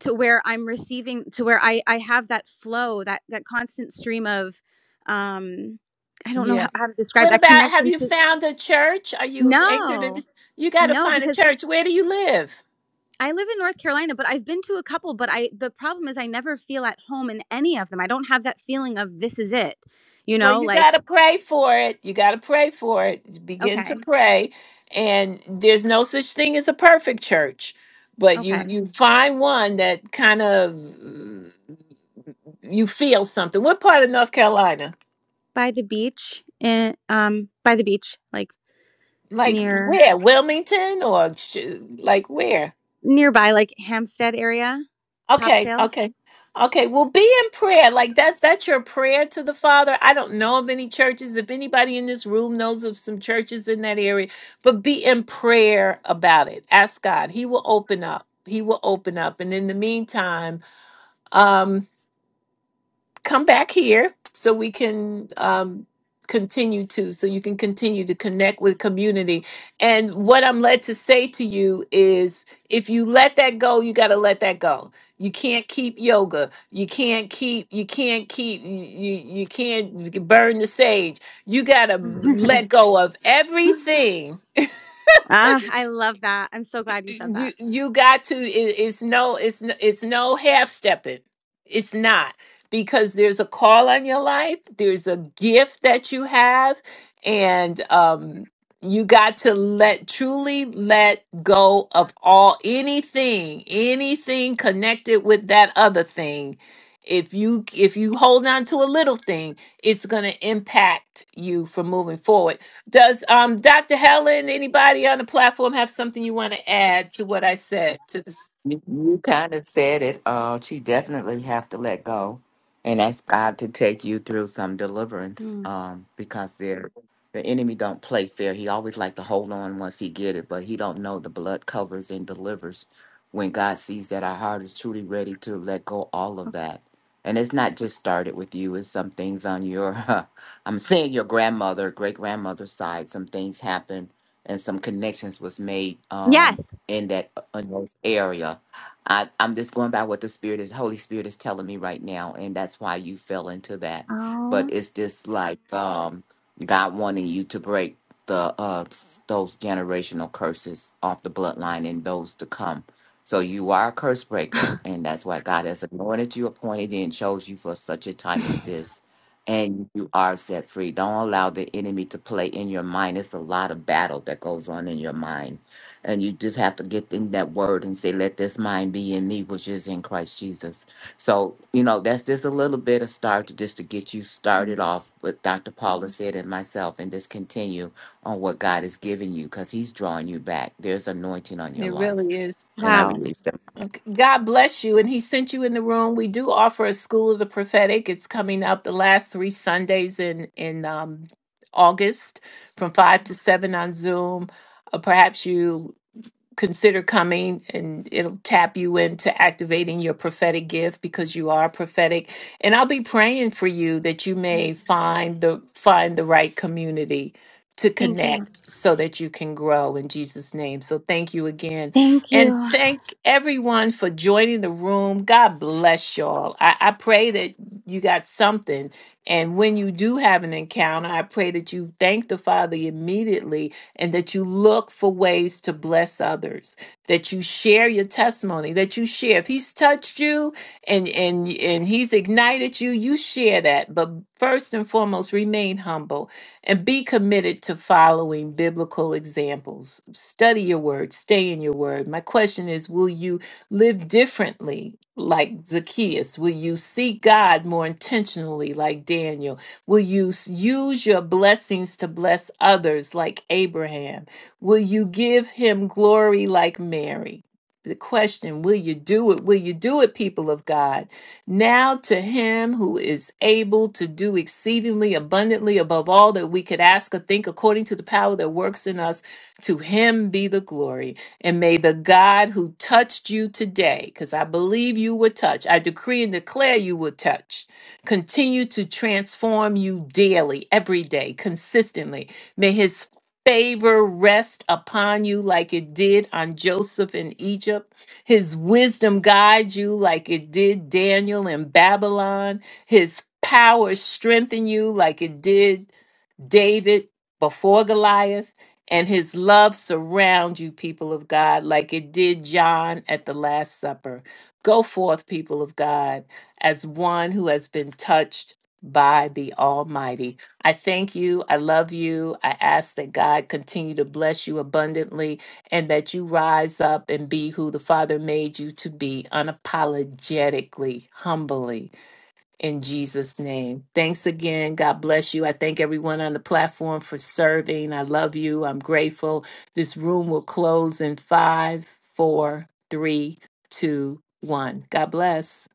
Speaker 10: to where I'm receiving to where I I have that flow that that constant stream of um I don't know
Speaker 1: Yeah.
Speaker 10: how, how to describe
Speaker 1: What
Speaker 10: that
Speaker 1: about have
Speaker 10: connection
Speaker 1: you
Speaker 10: to
Speaker 1: found a church? Are you anchored in
Speaker 10: no
Speaker 1: you gotta
Speaker 10: no
Speaker 1: find a
Speaker 10: because
Speaker 1: church. Where do you live?
Speaker 10: I live in North Carolina but I've been to a couple but I the problem is I never feel at home in any of them I don't have that feeling of this is it you
Speaker 1: Well,
Speaker 10: know
Speaker 1: you
Speaker 10: like
Speaker 1: gotta pray for it. You gotta pray for it. Begin to
Speaker 10: okay
Speaker 1: pray. And there's no such thing as a perfect church. But you
Speaker 10: okay
Speaker 1: you find one that kind of mm, you feel something. What part of North Carolina?
Speaker 10: by the beach in um by the beach like
Speaker 1: Like
Speaker 10: near
Speaker 1: where? Wilmington or sh- like where?
Speaker 10: nearby like Hampstead area
Speaker 1: Okay,
Speaker 10: Topsail
Speaker 1: okay. Okay, well be in prayer. Like that's that's your prayer to the Father. I don't know of any churches. If anybody in this room knows of some churches in that area, but be in prayer about it. Ask God. He will open up. He will open up. And in the meantime, um, come back here so we can um, continue to so you can continue to connect with community and what i'm led to say to you is if you let that go you got to let that go you can't keep yoga you can't keep you can't keep you you you can't burn the sage you got to let go of everything
Speaker 10: Ah, I love that. I'm so glad you said that.
Speaker 1: you you got to it, it's no it's n- it's no half stepping it's not because there's a call on your life there's a gift that you have and um you got to let truly let go of all anything anything connected with that other thing if you if you hold on to a little thing it's going to impact you from moving forward does um Dr. Helen, anybody on the platform have something you want to add to what I said? To this
Speaker 3: You, you kind of said it. Uh, she definitely have to let go and ask God to take you through some deliverance.
Speaker 10: Mm,
Speaker 3: Um, because there, the enemy don't play fair. He always like to hold on once he get it, but he don't know the blood covers and delivers. When God sees that our heart is truly ready to let go all of
Speaker 10: okay.
Speaker 3: that, and it's not just started with you. It's some things on your, I'm saying your grandmother, great grandmother's side. Some things happened and some connections was made. Um
Speaker 10: Yes.
Speaker 3: in that unnoticed area. I, I'm just going by what the Spirit is, Holy Spirit is telling me right now, and that's why you fell into that. But
Speaker 10: Oh.
Speaker 3: it's just like um, God wanting you to break the uh, those generational curses off the bloodline and those to come. So you are a curse breaker, and that's why God has anointed you, appointed you, and chose you for such a time as this. And you are set free. Don't allow the enemy to play in your mind. It's a lot of battle that goes on in your mind and you just have to get in that word and say, let this mind be in me, which is in Christ Jesus. So, you know, that's just a little bit of start to just to get you started off with Dr. Paula said and myself, and just continue on what God has given you because he's drawing you back. There's anointing on your
Speaker 1: it
Speaker 3: life.
Speaker 1: really is.
Speaker 3: And I
Speaker 10: wow.
Speaker 3: release that.
Speaker 1: Okay. God bless you. And he sent you in the room. We do offer a school of the prophetic. It's coming up the last three Sundays in in um August from
Speaker 10: Okay.
Speaker 1: five to seven on Zoom. Uh, perhaps you consider coming and it'll tap you into activating your prophetic gift because you are prophetic and i'll be praying for you that you may find the find the right community to
Speaker 10: Thank you.
Speaker 1: connect so that you can grow in jesus name so thank you again
Speaker 10: Thank
Speaker 1: and
Speaker 10: you.
Speaker 1: thank everyone for joining the room god bless y'all i, I pray that you got something and when you do have an encounter i pray that you thank the father immediately and that you look for ways to bless others, that you share your testimony, that you share. If he's touched you and and and he's ignited you, you share that. But first and foremost, remain humble and be committed to following biblical examples. Study your word, stay in your word. My question is, will you live differently like Zacchaeus? Will you seek God more intentionally like Daniel? Will you use your blessings to bless others like Abraham? Will you give him glory like Mary? The question, will you do it? Will you do it, people of God? Now to him who is able to do exceedingly abundantly above all that we could ask or think according to the power that works in us, to him be the glory. And may the God who touched you today, because I believe you were touched, I decree and declare you were touched continue to transform you daily, every day, consistently. May his favor rest upon you like it did on Joseph in Egypt. His wisdom guide you like it did Daniel in Babylon. His power strengthen you like it did David before Goliath, and his love surround you, people of God, like it did John at the Last Supper. Go forth, people of God, as one who has been touched by the Almighty. I thank you. I love you. I ask that God continue to bless you abundantly and that you rise up and be who the Father made you to be unapologetically, humbly in Jesus' name. Thanks again. God bless you. I thank everyone on the platform for serving. I love you. I'm grateful. This room will close in five, four, three, two, one. God bless.